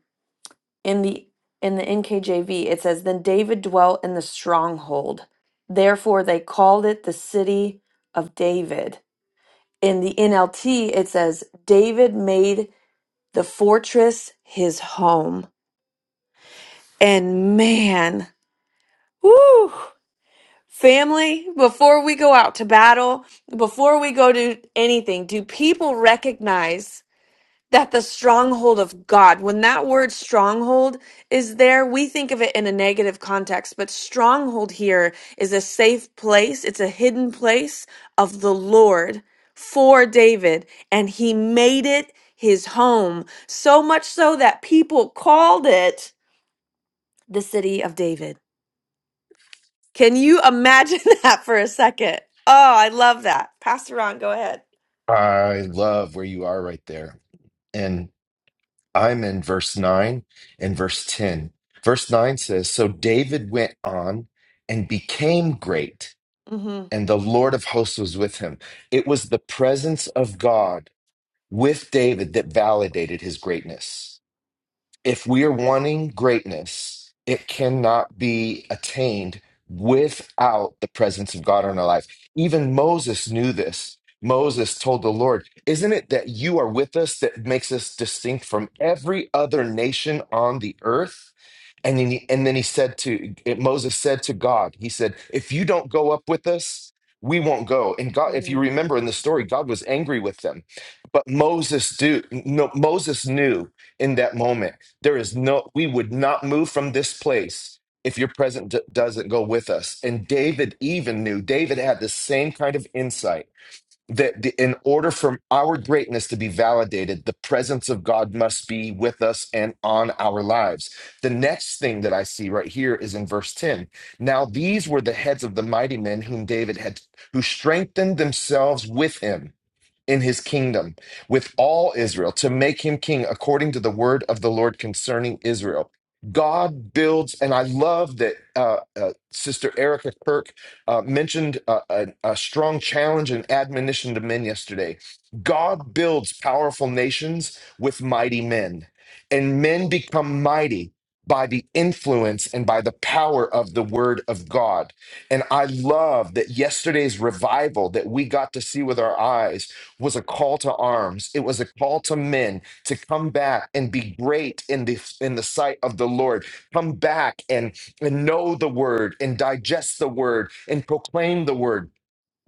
S1: in the in the NKJV it says then David dwelt in the stronghold. Therefore they called it the city of David. In the NLT it says David made the fortress his home. And man, woo! Family, before we go out to battle, before we go to anything, do people recognize that the stronghold of God, when that word stronghold is there, we think of it in a negative context, but stronghold here is a safe place, it's a hidden place of the Lord for David, and he made it his home, so much so that people called it the city of David. Can you imagine that for a second? Oh, I love that. Pastor Ron, go ahead.
S2: I love where you are right there. And I'm in verse 9 and verse 10. Verse 9 says, So David went on and became great,
S1: hmm
S2: and the Lord of hosts was with him. It was the presence of God with David that validated his greatness if we are wanting greatness, it cannot be attained without the presence of God in our life. Even Moses knew this. Moses told the Lord, Isn't it that you are with us that makes us distinct from every other nation on the earth? And then he, and then he said to Moses said to God, He said, If you don't go up with us, we won't go. And God, if you
S1: Amen.
S2: remember in the story, God was angry with them. But Moses do no, Moses knew in that moment. There is no, we would not move from this place if your presence d- doesn't go with us. And David even knew, David had the same kind of insight that the, in order for our greatness to be validated, the presence of God must be with us and on our lives. The next thing that I see right here is in verse 10. Now, these were the heads of the mighty men whom David had, who strengthened themselves with him in his kingdom with all Israel to make him king according to the word of the Lord concerning Israel. God builds, and I love that uh, uh, Sister Erica Kirk uh, mentioned uh, a, a strong challenge and admonition to men yesterday. God builds powerful nations with mighty men, and men become mighty by the influence and by the power of the word of God. And I love that yesterday's revival that we got to see with our eyes was a call to arms. It was a call to men to come back and be great in the in the sight of the Lord. Come back and, and know the word and digest the word and proclaim the word.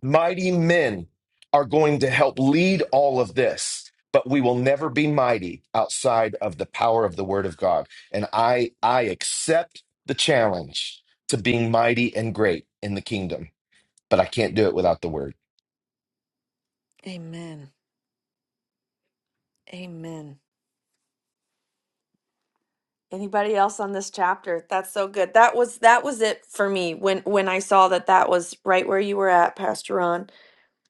S2: Mighty men are going to help lead all of this, but we will never be mighty outside of the power of the word of God. And I I accept the challenge to being mighty and great in the kingdom, but I can't do it without the word.
S1: Amen. Amen. Anybody else on this chapter? That's so good. That was that was it for me when when I saw that that was right where you were at, Pastor Ron.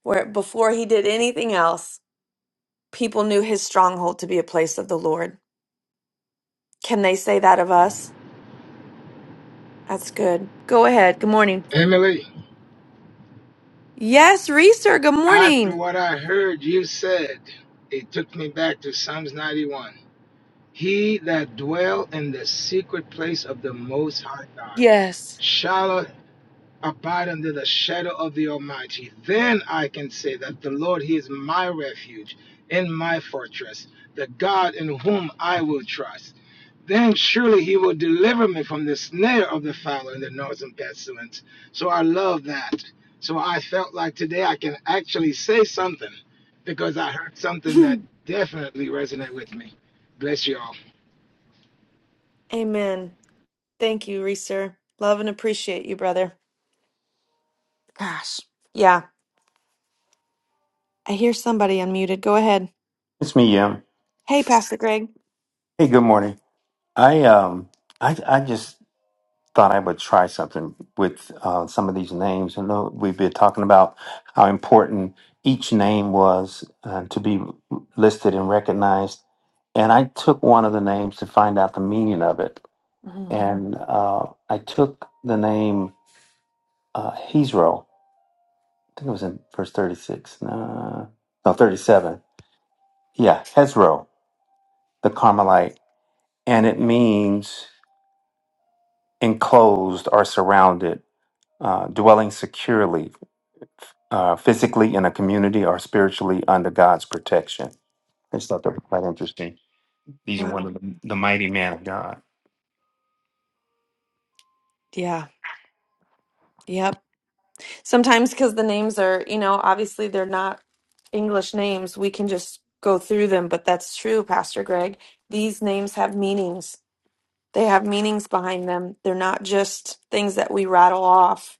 S1: Where before he did anything else, people knew his stronghold to be a place of the Lord. Can they say that of us? That's good. Go ahead. Good morning.
S10: Emily,
S1: Yes, Reeser. Good
S10: after
S1: morning.
S10: what I heard you said, it took me back to Psalms 91. He that dwell in the secret place of the Most High God
S1: Yes.
S10: shall abide under the shadow of the Almighty. Then I can say that the Lord, He is my refuge and my fortress, the God in whom I will trust. Then surely he will deliver me from the snare of the fowler and the noisome pestilence. So I love that. So I felt like today I can actually say something because I heard something that definitely resonated with me. Bless you all.
S1: Amen. Thank you, Reeser. Love and appreciate you, brother. Gosh. Yeah. I hear somebody unmuted. Go ahead.
S11: It's me, yeah.
S1: Hey, Pastor Greg.
S11: Hey, good morning. I um, I I just thought I would try something with uh, some of these names. I know we've been talking about how important each name was uh, to be listed and recognized, and I took one of the names to find out the meaning of it,
S1: Mhm.
S11: and uh, I took the name uh, Hezro. I think it was in verse thirty-six. No, no, thirty-seven. Yeah, Hezro, the Carmelite, and it means. enclosed or surrounded, uh, dwelling securely, uh, physically in a community or spiritually under God's protection. I just thought that was quite interesting. These are one
S1: Wow.
S11: of the, the mighty man of God.
S1: Yeah. Yep. Sometimes because the names are, you know, obviously they're not English names, we can just go through them, but that's true, Pastor Greg. These names have meanings. They have meanings behind them. They're not just things that we rattle off.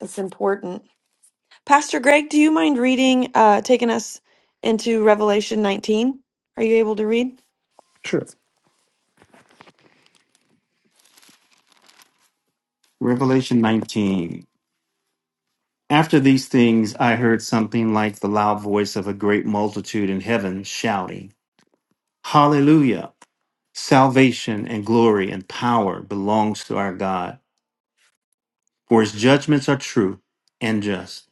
S1: It's important. Pastor Greg, do you mind reading, uh, taking us into Revelation 19? Are you able to read?
S11: Sure. Revelation 19. After these things, I heard something like the loud voice of a great multitude in heaven shouting, Hallelujah! Salvation and glory and power belongs to our God, for his judgments are true and just.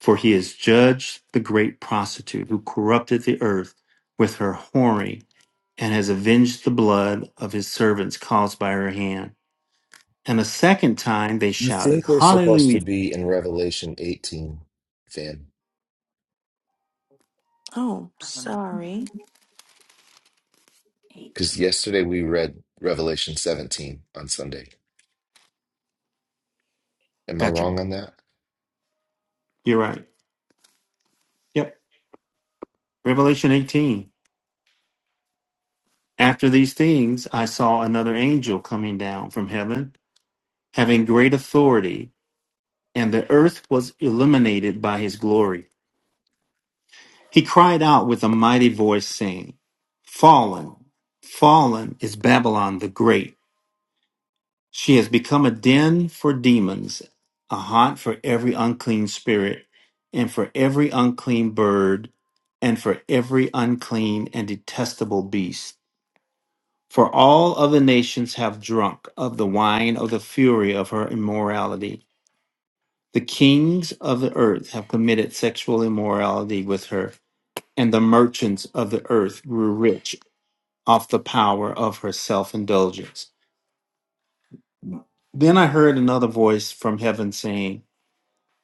S11: For he has judged the great prostitute who corrupted the earth with her whoring, and has avenged the blood of his servants caused by her hand. And a second time they
S2: I
S11: shouted,
S2: think we're supposed to
S11: Hallelujah.
S2: be in Revelation 18, Van,
S1: Oh, sorry.
S2: because yesterday we read Revelation 17 on Sunday. Am I
S11: Gotcha.
S2: wrong on that?
S11: You're right. Yep. Revelation 18. After these things, I saw another angel coming down from heaven, having great authority, and the earth was illuminated by his glory He cried out with a mighty voice, saying, Fallen, fallen is Babylon the Great. She has become a den for demons, a haunt for every unclean spirit, and for every unclean bird, and for every unclean and detestable beast. For all other nations have drunk of the wine of the fury of her immorality. The kings of the earth have committed sexual immorality with her and the merchants of the earth grew rich off the power of her self indulgence. Then I heard another voice from heaven saying,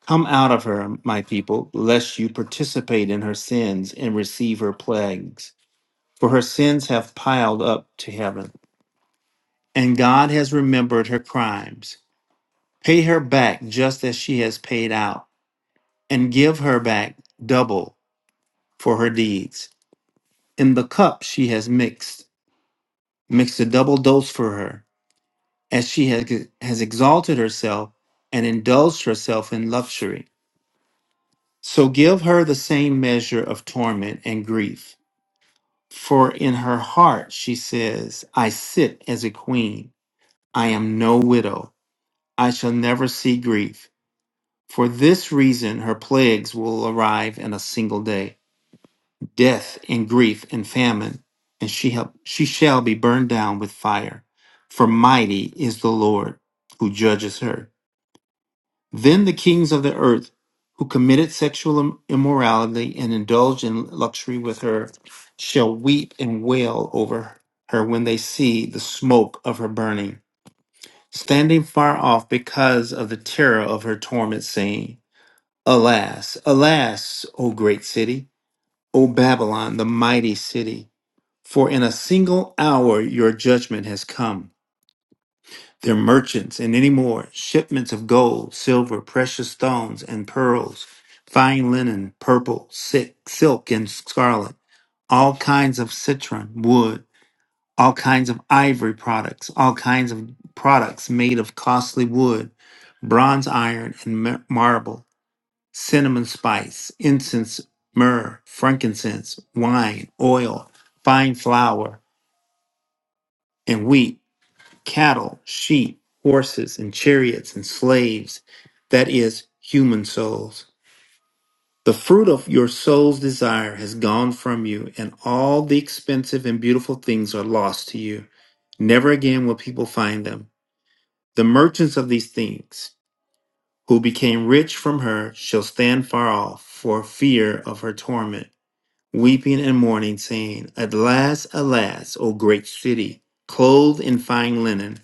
S11: Come out of her, my people, lest you participate in her sins and receive her plagues. For her sins have piled up to heaven, and God has remembered her crimes. Pay her back just as she has paid out, and give her back double for her deeds. In the cup she has mixed, mix a double dose for her as she has, has exalted herself and indulged herself in luxury. So give her the same measure of torment and grief. For in her heart she says, I sit as a queen. I am no widow. I shall never see grief. For this reason, her plagues will arrive in a single day death and grief and famine, and she, help, she shall be burned down with fire. For mighty is the Lord who judges her. Then the kings of the earth who committed sexual immorality and indulged in luxury with her shall weep and wail over her when they see the smoke of her burning, standing far off because of the terror of her torment, saying, Alas, alas, O great city, O Babylon, the mighty city, for in a single hour your judgment has come their merchants, and any more shipments of gold, silver, precious stones, and pearls, fine linen, purple, silk, silk, and scarlet, all kinds of citron, wood, all kinds of ivory products, all kinds of products made of costly wood, bronze, iron, and mar- marble, cinnamon spice, incense, myrrh, frankincense, wine, oil, fine flour, and wheat cattle, sheep, horses, and chariots, and slaves, that is, human souls. The fruit of your soul's desire has gone from you, and all the expensive and beautiful things are lost to you. Never again will people find them. The merchants of these things, who became rich from her, shall stand far off for fear of her torment weeping and mourning, saying, Alas, alas, O great city, clothed in fine linen,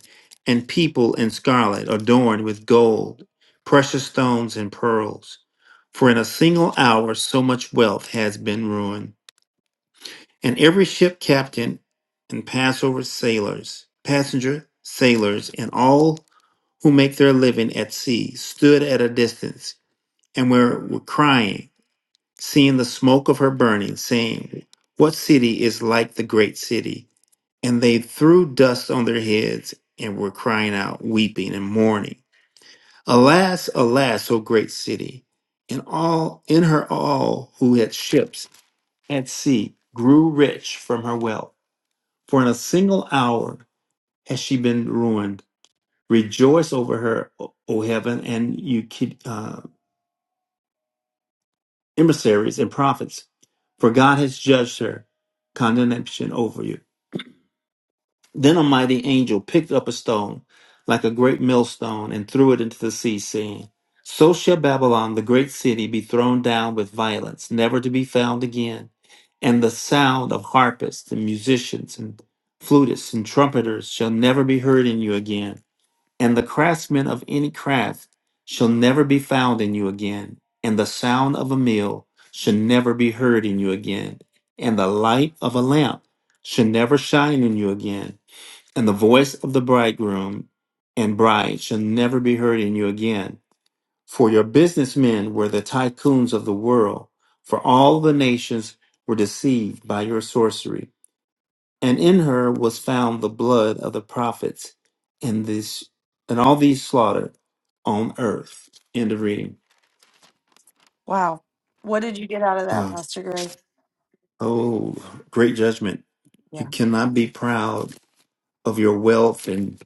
S11: and people in scarlet, adorned with gold, precious stones, and pearls. For in a single hour so much wealth has been ruined. And every ship captain and Passover sailors, passenger sailors, and all who make their living at sea stood at a distance and were, were crying seeing the smoke of her burning, saying, What city is like the great city? And they threw dust on their heads and were crying out, weeping and mourning. Alas, alas, O great city! And all in her all who had ships at sea grew rich from her wealth. For in a single hour has she been ruined. Rejoice over her, O O heaven, and you emissaries and prophets, for God has judged her condemnation over you. Then a mighty angel picked up a stone, like a great millstone, and threw it into the sea, saying, So shall Babylon, the great city, be thrown down with violence, never to be found again. And the sound of harpists and musicians and flutists and trumpeters shall never be heard in you again and the craftsman of any craft shall never be found in you again, and the sound of a mill shall never be heard in you again, and the light of a lamp shall never shine in you again, and the voice of the bridegroom and bride shall never be heard in you again. For your businessmen were the tycoons of the world, for all the nations were deceived by your sorcery and in her was found the blood of the prophets in this and all these slaughtered on earth. End of reading.
S1: Wow. What did you get out of that,
S11: Uh,
S1: Pastor Greg?
S11: oh, great judgment! You
S1: Yeah.
S11: cannot be proud of your wealth and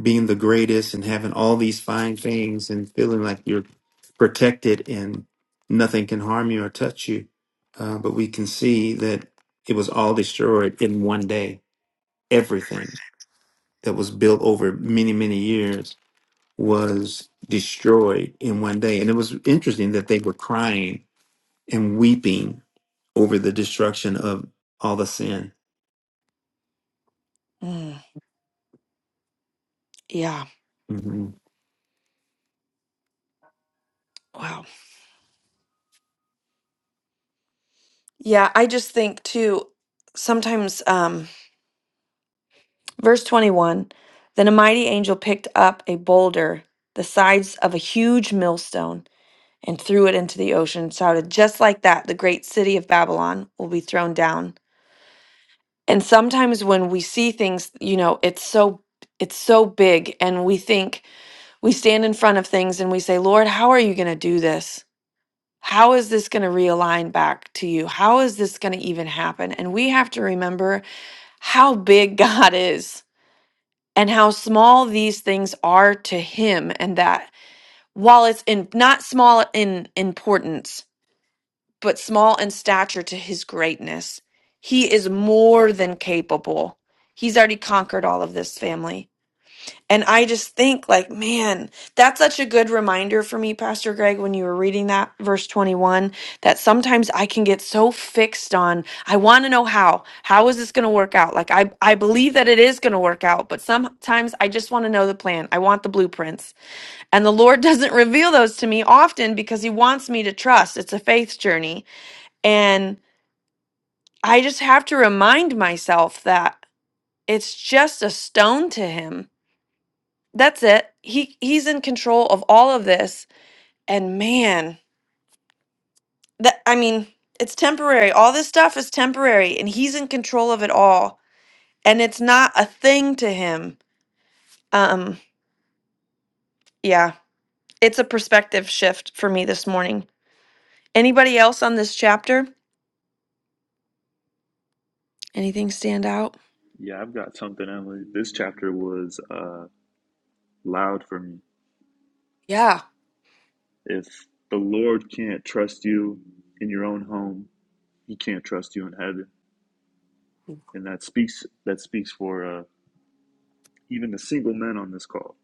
S11: being the greatest and having all these fine things and feeling like you're protected and nothing can harm you or touch you. Uh, but we can see that it was all destroyed in one day. Everything that was built over many, many years was destroyed in one day. And it was interesting that they were crying and weeping over the destruction of all the sin.
S1: Mm, yeah.
S11: Mm-hmm.
S1: Wow. Yeah, I just think too, sometimes, um, verse 21 Then a mighty angel picked up a boulder, the size of a huge millstone and threw it into the ocean and shouted, Just like that, the great city of Babylon will be thrown down. And sometimes when we see things, you know, it's so it's so big and we think we stand in front of things and we say, Lord, how are you gonna do this? How is this going to realign back to you? How is this going to even happen? And we have to remember how big God is and how small these things are to him and that while it's in not small in importance but small in stature to his greatness. He is more than capable. He's already conquered all of this family. And I just think, like, man, that's such a good reminder for me, Pastor Greg, when you were reading that verse 21, that sometimes I can get so fixed on, I want to know how. How is this going to work out? Like, I, I believe that it is going to work out, but sometimes I just want to know the plan. I want the blueprints. And the Lord doesn't reveal those to me often because He wants me to trust. It's a faith journey and I just have to remind myself that it's just a stone to him. That's it. He he's in control of all of this. And man, that I mean, it's temporary. All this stuff is temporary and he's in control of it all. And it's not a thing to him. Um yeah, it's a perspective shift for me this morning. Anybody else on this chapter? Anything stand out?
S4: Yeah, I've got something, Emily. This chapter was uh, loud for me.
S1: Yeah.
S4: If the Lord can't trust you in your own home, He can't trust you in heaven. And that speaks that speaks for uh, even the single men on this call.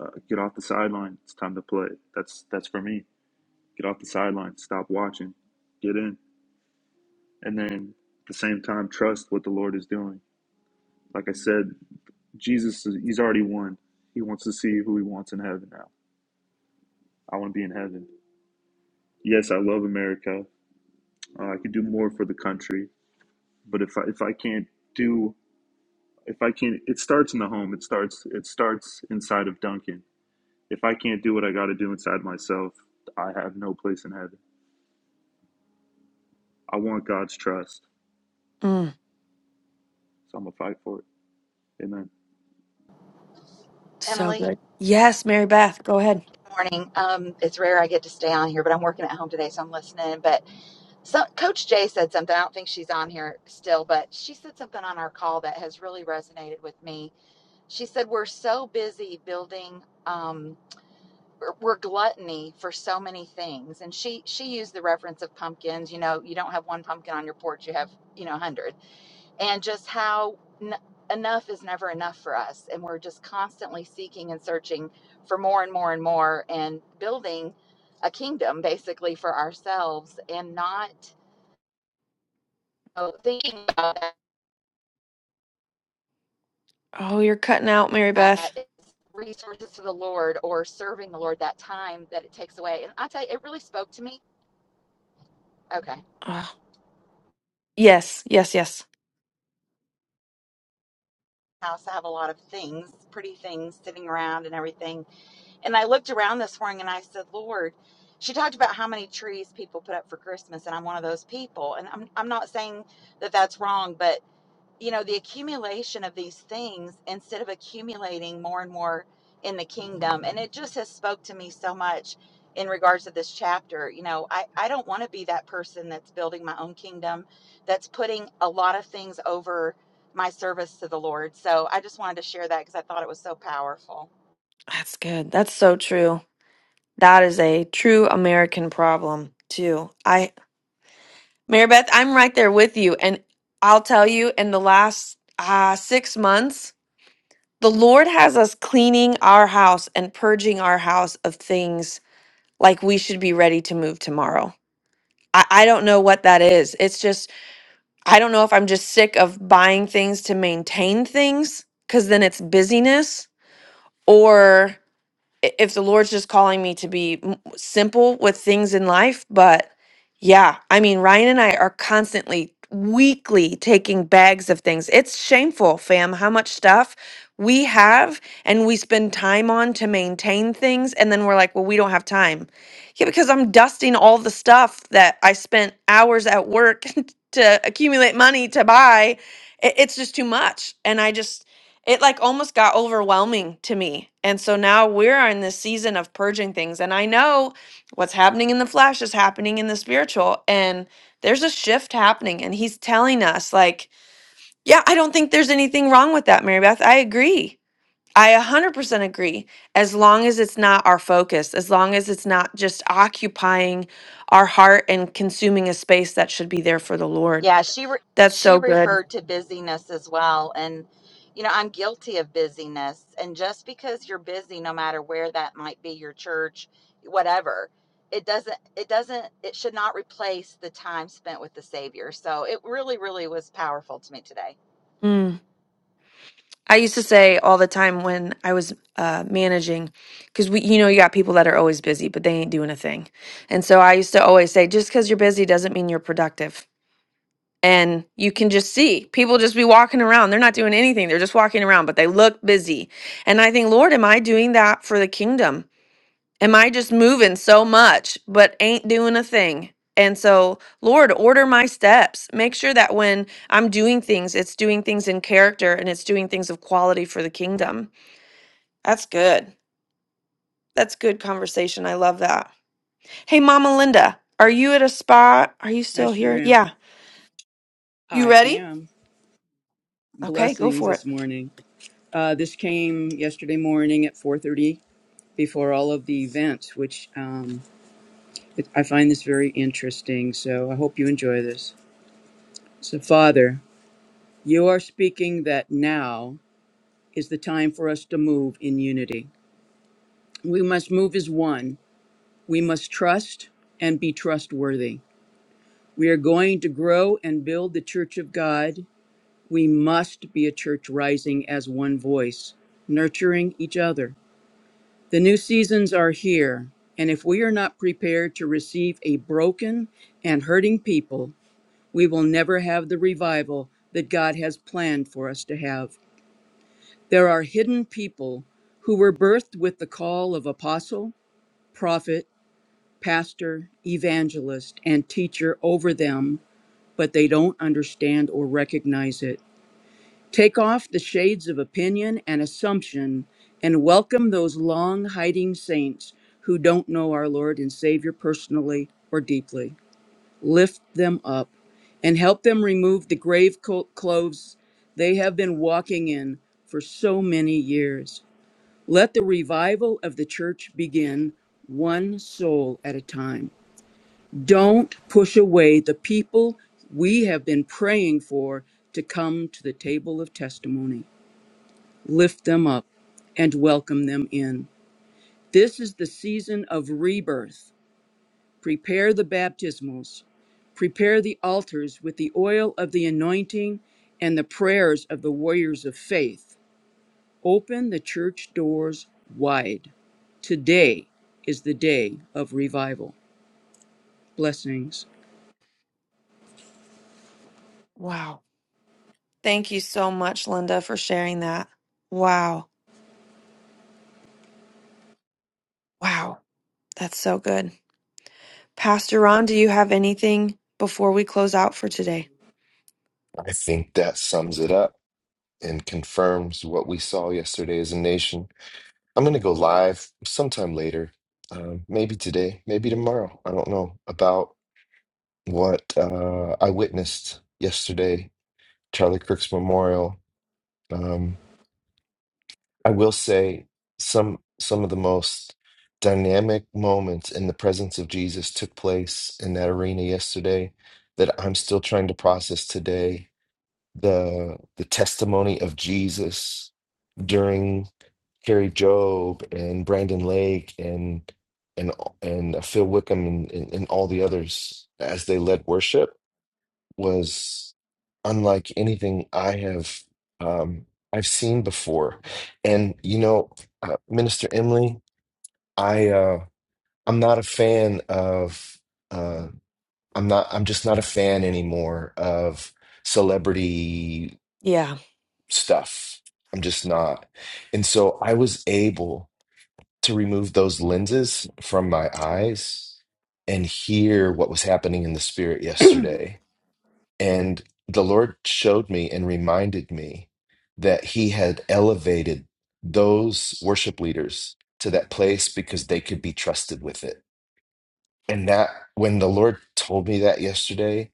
S4: Uh, get off the sideline. It's time to play. That's that's for me. Get off the sideline. Stop watching. Get in. and then at the same time trust what the lord is doing like i said jesus he's already won he wants to see who he wants in heaven now i want to be in heaven yes i love america uh, i could do more for the country but if I, if I can't do if i can't it starts in the home it starts it starts inside of duncan if i can't do what i got to do inside myself i have no place in heaven i want god's trust
S1: Mm,
S4: so i'm gonna fight for it amen
S1: so
S3: Emily,
S1: good. Yes, Mary Beth, go ahead.
S3: good morning. Um, it's rare I get to stay on here, but I'm working at home today, so I'm listening. But So Coach Jay said something. I don't think she's on here still, but she said something on our call that has really resonated with me. She said we're so busy building um we're gluttony for so many things. And she she used the reference of pumpkins, you know, you don't have one pumpkin on your porch, you have, you know, 100. And just how n- enough is never enough for us and we're just constantly seeking and searching for more and more and more and building a kingdom basically for ourselves and not know, thinking about
S1: Oh, you're cutting out, Mary Beth.
S3: that is resources to the Lord or serving the Lord that time that it takes away. And I tell you, it really spoke to me. Okay.
S1: Ah, yes, yes, yes.
S3: House, I have a lot of things, pretty things sitting around and everything. And I looked around this morning and I said, Lord, she talked about how many trees people put up for Christmas, and I'm one of those people. And I'm, I'm not saying that that's wrong, but you know, the accumulation of these things instead of accumulating more and more in the kingdom. And it just has spoke to me so much in regards to this chapter. You know, I, I don't want to be that person that's building my own kingdom, that's putting a lot of things over my service to the Lord. So I just wanted to share that because I thought it was so powerful.
S1: That's good. That's so true. That is a true American problem too. I, Mary Beth, I'm right there with you, and I'll tell you, in the last uh, six months, the Lord has us cleaning our house and purging our house of things like we should be ready to move tomorrow. I, I don't know what that is. It's just I don't know if I'm just sick of buying things to maintain things because then it's busyness or. i- if the Lord's just calling me to be m- simple with things in life, but yeah, I mean, Ryan and I are constantly weekly taking bags of things. It's shameful, fam, how much stuff we have and we spend time on to maintain things. And then we're like, well, we don't have time. Yeah, because I'm dusting all the stuff that I spent hours at work to accumulate money to buy. I- It's just too much. And I just, it like almost got overwhelming to me. And so now we're in this season of purging things. And I know what's happening in the flesh is happening in the spiritual. And there's a shift happening. And he's telling us, like, yeah, I don't think there's anything wrong with that, Mary Beth. I agree. I 100% agree. As long as it's not our focus, as long as it's not just occupying our heart and consuming a space that should be there for the Lord.
S3: Yeah, she re-
S1: That's
S3: she
S1: so good.
S3: referred to busyness as well, and you know I'm guilty of busyness. And just because you're busy, no matter where that might be, your church, whatever, it doesn't it doesn't it should not replace the time spent with the Savior. So it really really was powerful to me today.
S1: Mm. I used to say all the time when I was uh, managing, because we, you know, you got people that are always busy, but they ain't doing a thing. And so I used to always say, just because you're busy doesn't mean you're productive. And you can just see people just be walking around. They're not doing anything. They're just walking around, but they look busy. And I think, Lord, am I doing that for the kingdom? Am I just moving so much, but ain't doing a thing? And so, Lord, order my steps. Make sure that when I'm doing things, it's doing things in character and it's doing things of quality for the kingdom. That's good. That's good conversation. I love that. Hey, Mama Linda, are you at a spa? Are you
S12: I
S1: still
S12: sure
S1: here?
S12: am.
S1: Yeah. You
S12: I
S1: ready?
S12: am.
S1: Okay, go
S12: Blessings
S1: for it.
S12: this morning. Uh, this came yesterday morning at 4.30 before all of the events, which um, it, I find this very interesting. So I hope you enjoy this. So, Father, you are speaking that now is the time for us to move in unity. We must move as one. We must trust and be trustworthy. We are going to grow and build the church of God We must be a church rising as one voice, nurturing each other. The new seasons are here, and if we are not prepared to receive a broken and hurting people, we will never have the revival that God has planned for us to have. There are hidden people who were birthed with the call of apostle, prophet, pastor, evangelist, and teacher over them, but they don't understand or recognize it. Take off the shades of opinion and assumption and welcome those long hiding saints who don't know our Lord and Savior personally or deeply. Lift them up and help them remove the grave co- clothes they have been walking in for so many years. Let the revival of the church begin one soul at a time. Don't push away the people we have been praying for to come to the table of testimony lift them up, and welcome them in. This is the season of rebirth. Prepare the baptismals, prepare the altars with the oil of the anointing and the prayers of the warriors of faith. Open the church doors wide. Today is the day of revival. Blessings.
S1: Wow. Thank you so much, Linda, for sharing that. Wow. Wow. That's so good. Pastor Ron, do you have anything before we close out for today?
S2: I think that sums it up and confirms what we saw yesterday as a nation. I'm going to go live sometime later, um, maybe today, maybe tomorrow. I don't know about what uh, I witnessed yesterday, Charlie Kirk's memorial. Um, I will say some some of the most dynamic moments in the presence of Jesus took place in that arena yesterday that I'm still trying to process today. The the testimony of Jesus during Carrie Job and Brandon Lake and and and uh, Phil Wickham and, and, and all the others as they led worship was unlike anything I have um, I've seen before. And you know, uh, Minister Emily, I uh, I'm not a fan of uh, I'm not I'm just not a fan anymore of celebrity
S1: Yeah.
S2: stuff. I'm just not. And so I was able to remove those lenses from my eyes and hear what was happening in the spirit yesterday And the Lord showed me and reminded me that He had elevated those worship leaders to that place because they could be trusted with it. And that, when the Lord told me that yesterday,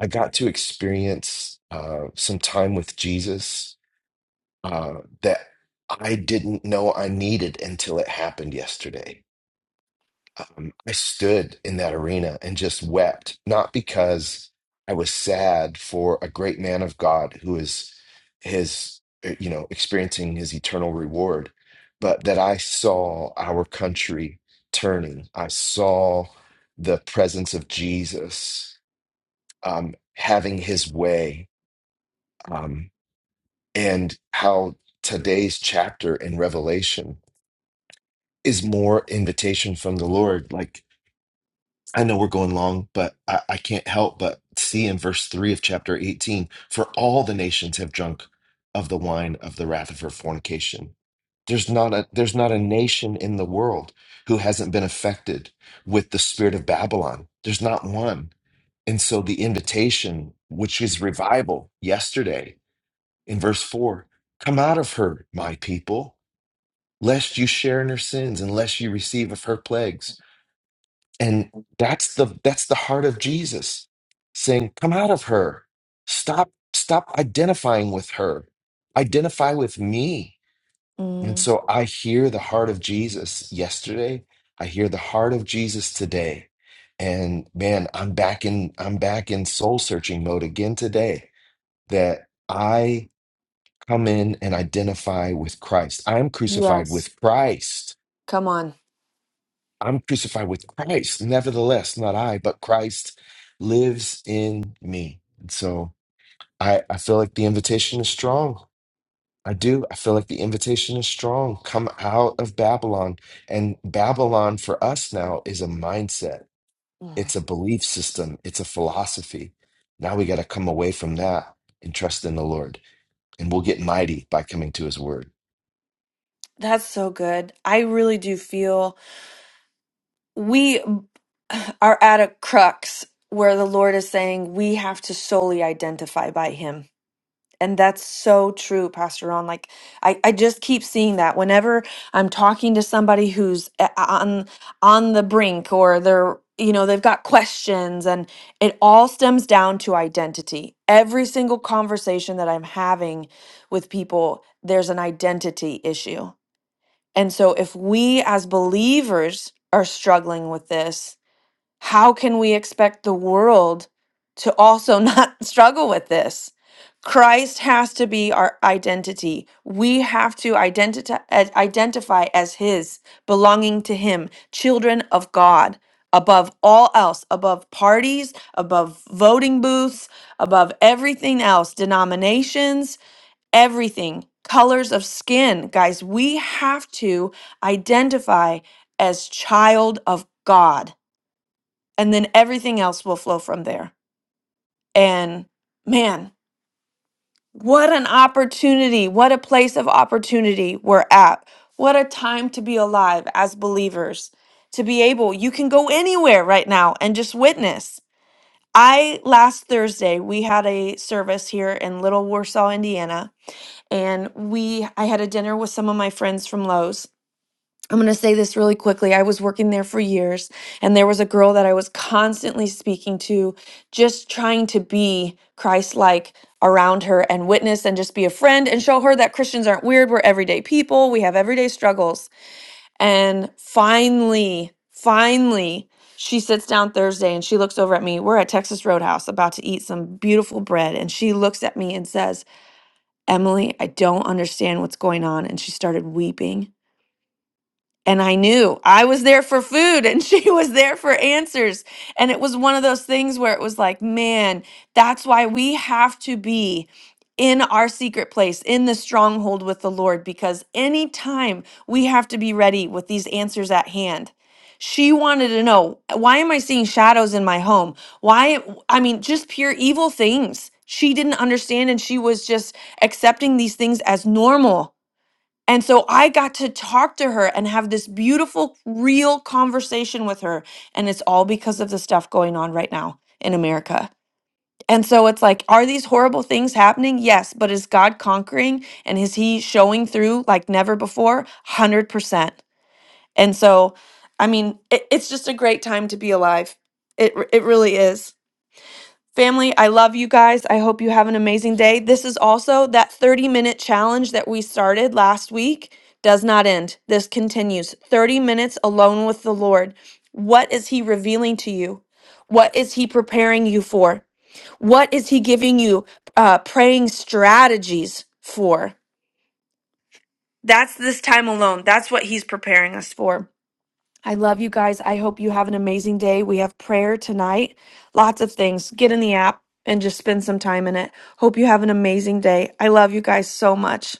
S2: I got to experience uh, some time with Jesus uh, that I didn't know I needed until it happened yesterday um, I stood in that arena and just wept, not because I was sad for a great man of God who is his, uh, you know, experiencing his eternal reward, but that I saw our country turning. I saw the presence of Jesus um, having his way, um, and how today's chapter in Revelation is more invitation from the Lord, like I know we're going long, but I, I can't help but see in verse 3 of chapter 18 for all the nations have drunk of the wine of the wrath of her fornication. There's not a there's not a nation in the world who hasn't been affected with the spirit of Babylon. There's not one. And so the invitation, which is revival yesterday in verse 4, come out of her, my people, lest you share in her sins, unless you receive of her plagues and that's the that's the heart of jesus saying come out of her stop stop identifying with her identify with me and
S1: Mm,
S2: so i hear the heart of jesus yesterday i hear the heart of jesus today and man i'm back in i'm back in soul searching mode again today that i come in and identify with christ i'm crucified
S1: yes.
S2: with christ
S1: Come on.
S2: I'm crucified with Christ. Nevertheless, not I, but Christ lives in me. And so I, I feel like the invitation is strong. I do. I feel like the invitation is strong. Come out of Babylon. And Babylon for us now is a mindset,
S1: Mm.
S2: it's a belief system, it's a philosophy. Now we got to come away from that and trust in the Lord. And we'll get mighty by coming to his word.
S1: That's so good. I really do feel we are at a crux where the Lord is saying we have to solely identify by Him. And that's so true, Pastor Ron. Like I, I just keep seeing that whenever I'm talking to somebody who's eh, a- on on the brink or they're you know they've got questions and it all stems down to identity. Every single conversation that I'm having with people, there's an identity issue. And so if we as believers are struggling with this, how can we expect the world to also not struggle with this? Christ has to be our identity. We have to identi- as- identify as His, belonging to Him, children of God, above all else, above parties, above voting booths, above everything else, denominations, everything, colors of skin. Guys, we have to identify as child of God and then everything else will flow from there. And man, what an opportunity. What a place of opportunity we're at. What a time to be alive as believers. To be able, you can go anywhere right now and just witness. I last Thursday we had a service here in Little Warsaw, Indiana, and we I had a dinner with some of my friends from Lowe's I'm going to say this really quickly. I was working there for years, and there was a girl that I was constantly speaking to, just trying to be Christ like around her and witness and just be a friend and show her that Christians aren't weird. We're everyday people, we have everyday struggles. And finally, finally, she sits down Thursday and she looks over at me. We're at Texas Roadhouse about to eat some beautiful bread. And she looks at me and says, Emily, I don't understand what's going on. And she started weeping and I knew I was there for food and she was there for answers. And it was one of those things where it was like, man, that's why we have to be in our secret place, in the stronghold with the Lord, because anytime we have to be ready with these answers at hand. She wanted to know, why am I seeing shadows in my home? Why, I mean, just pure evil things. She didn't understand and she was just accepting these things as normal. And so I got to talk to her and have this beautiful, real conversation with her. And it's all because of the stuff going on right now in America. And so it's like, are these horrible things happening? Yes. But is God conquering and is he showing through like never before? 100%. And so, I mean, it, it's just a great time to be alive. It, r- it really is. Family, I love you guys. I hope you have an amazing day. This is also that 30 minute challenge that we started last week does not end. This continues 30 minutes alone with the Lord. What is He revealing to you? What is He preparing you for? What is He giving you uh, praying strategies for? That's this time alone. That's what He's preparing us for. I love you guys. I hope you have an amazing day. We have prayer tonight, lots of things. Get in the app and just spend some time in it. Hope you have an amazing day. I love you guys so much.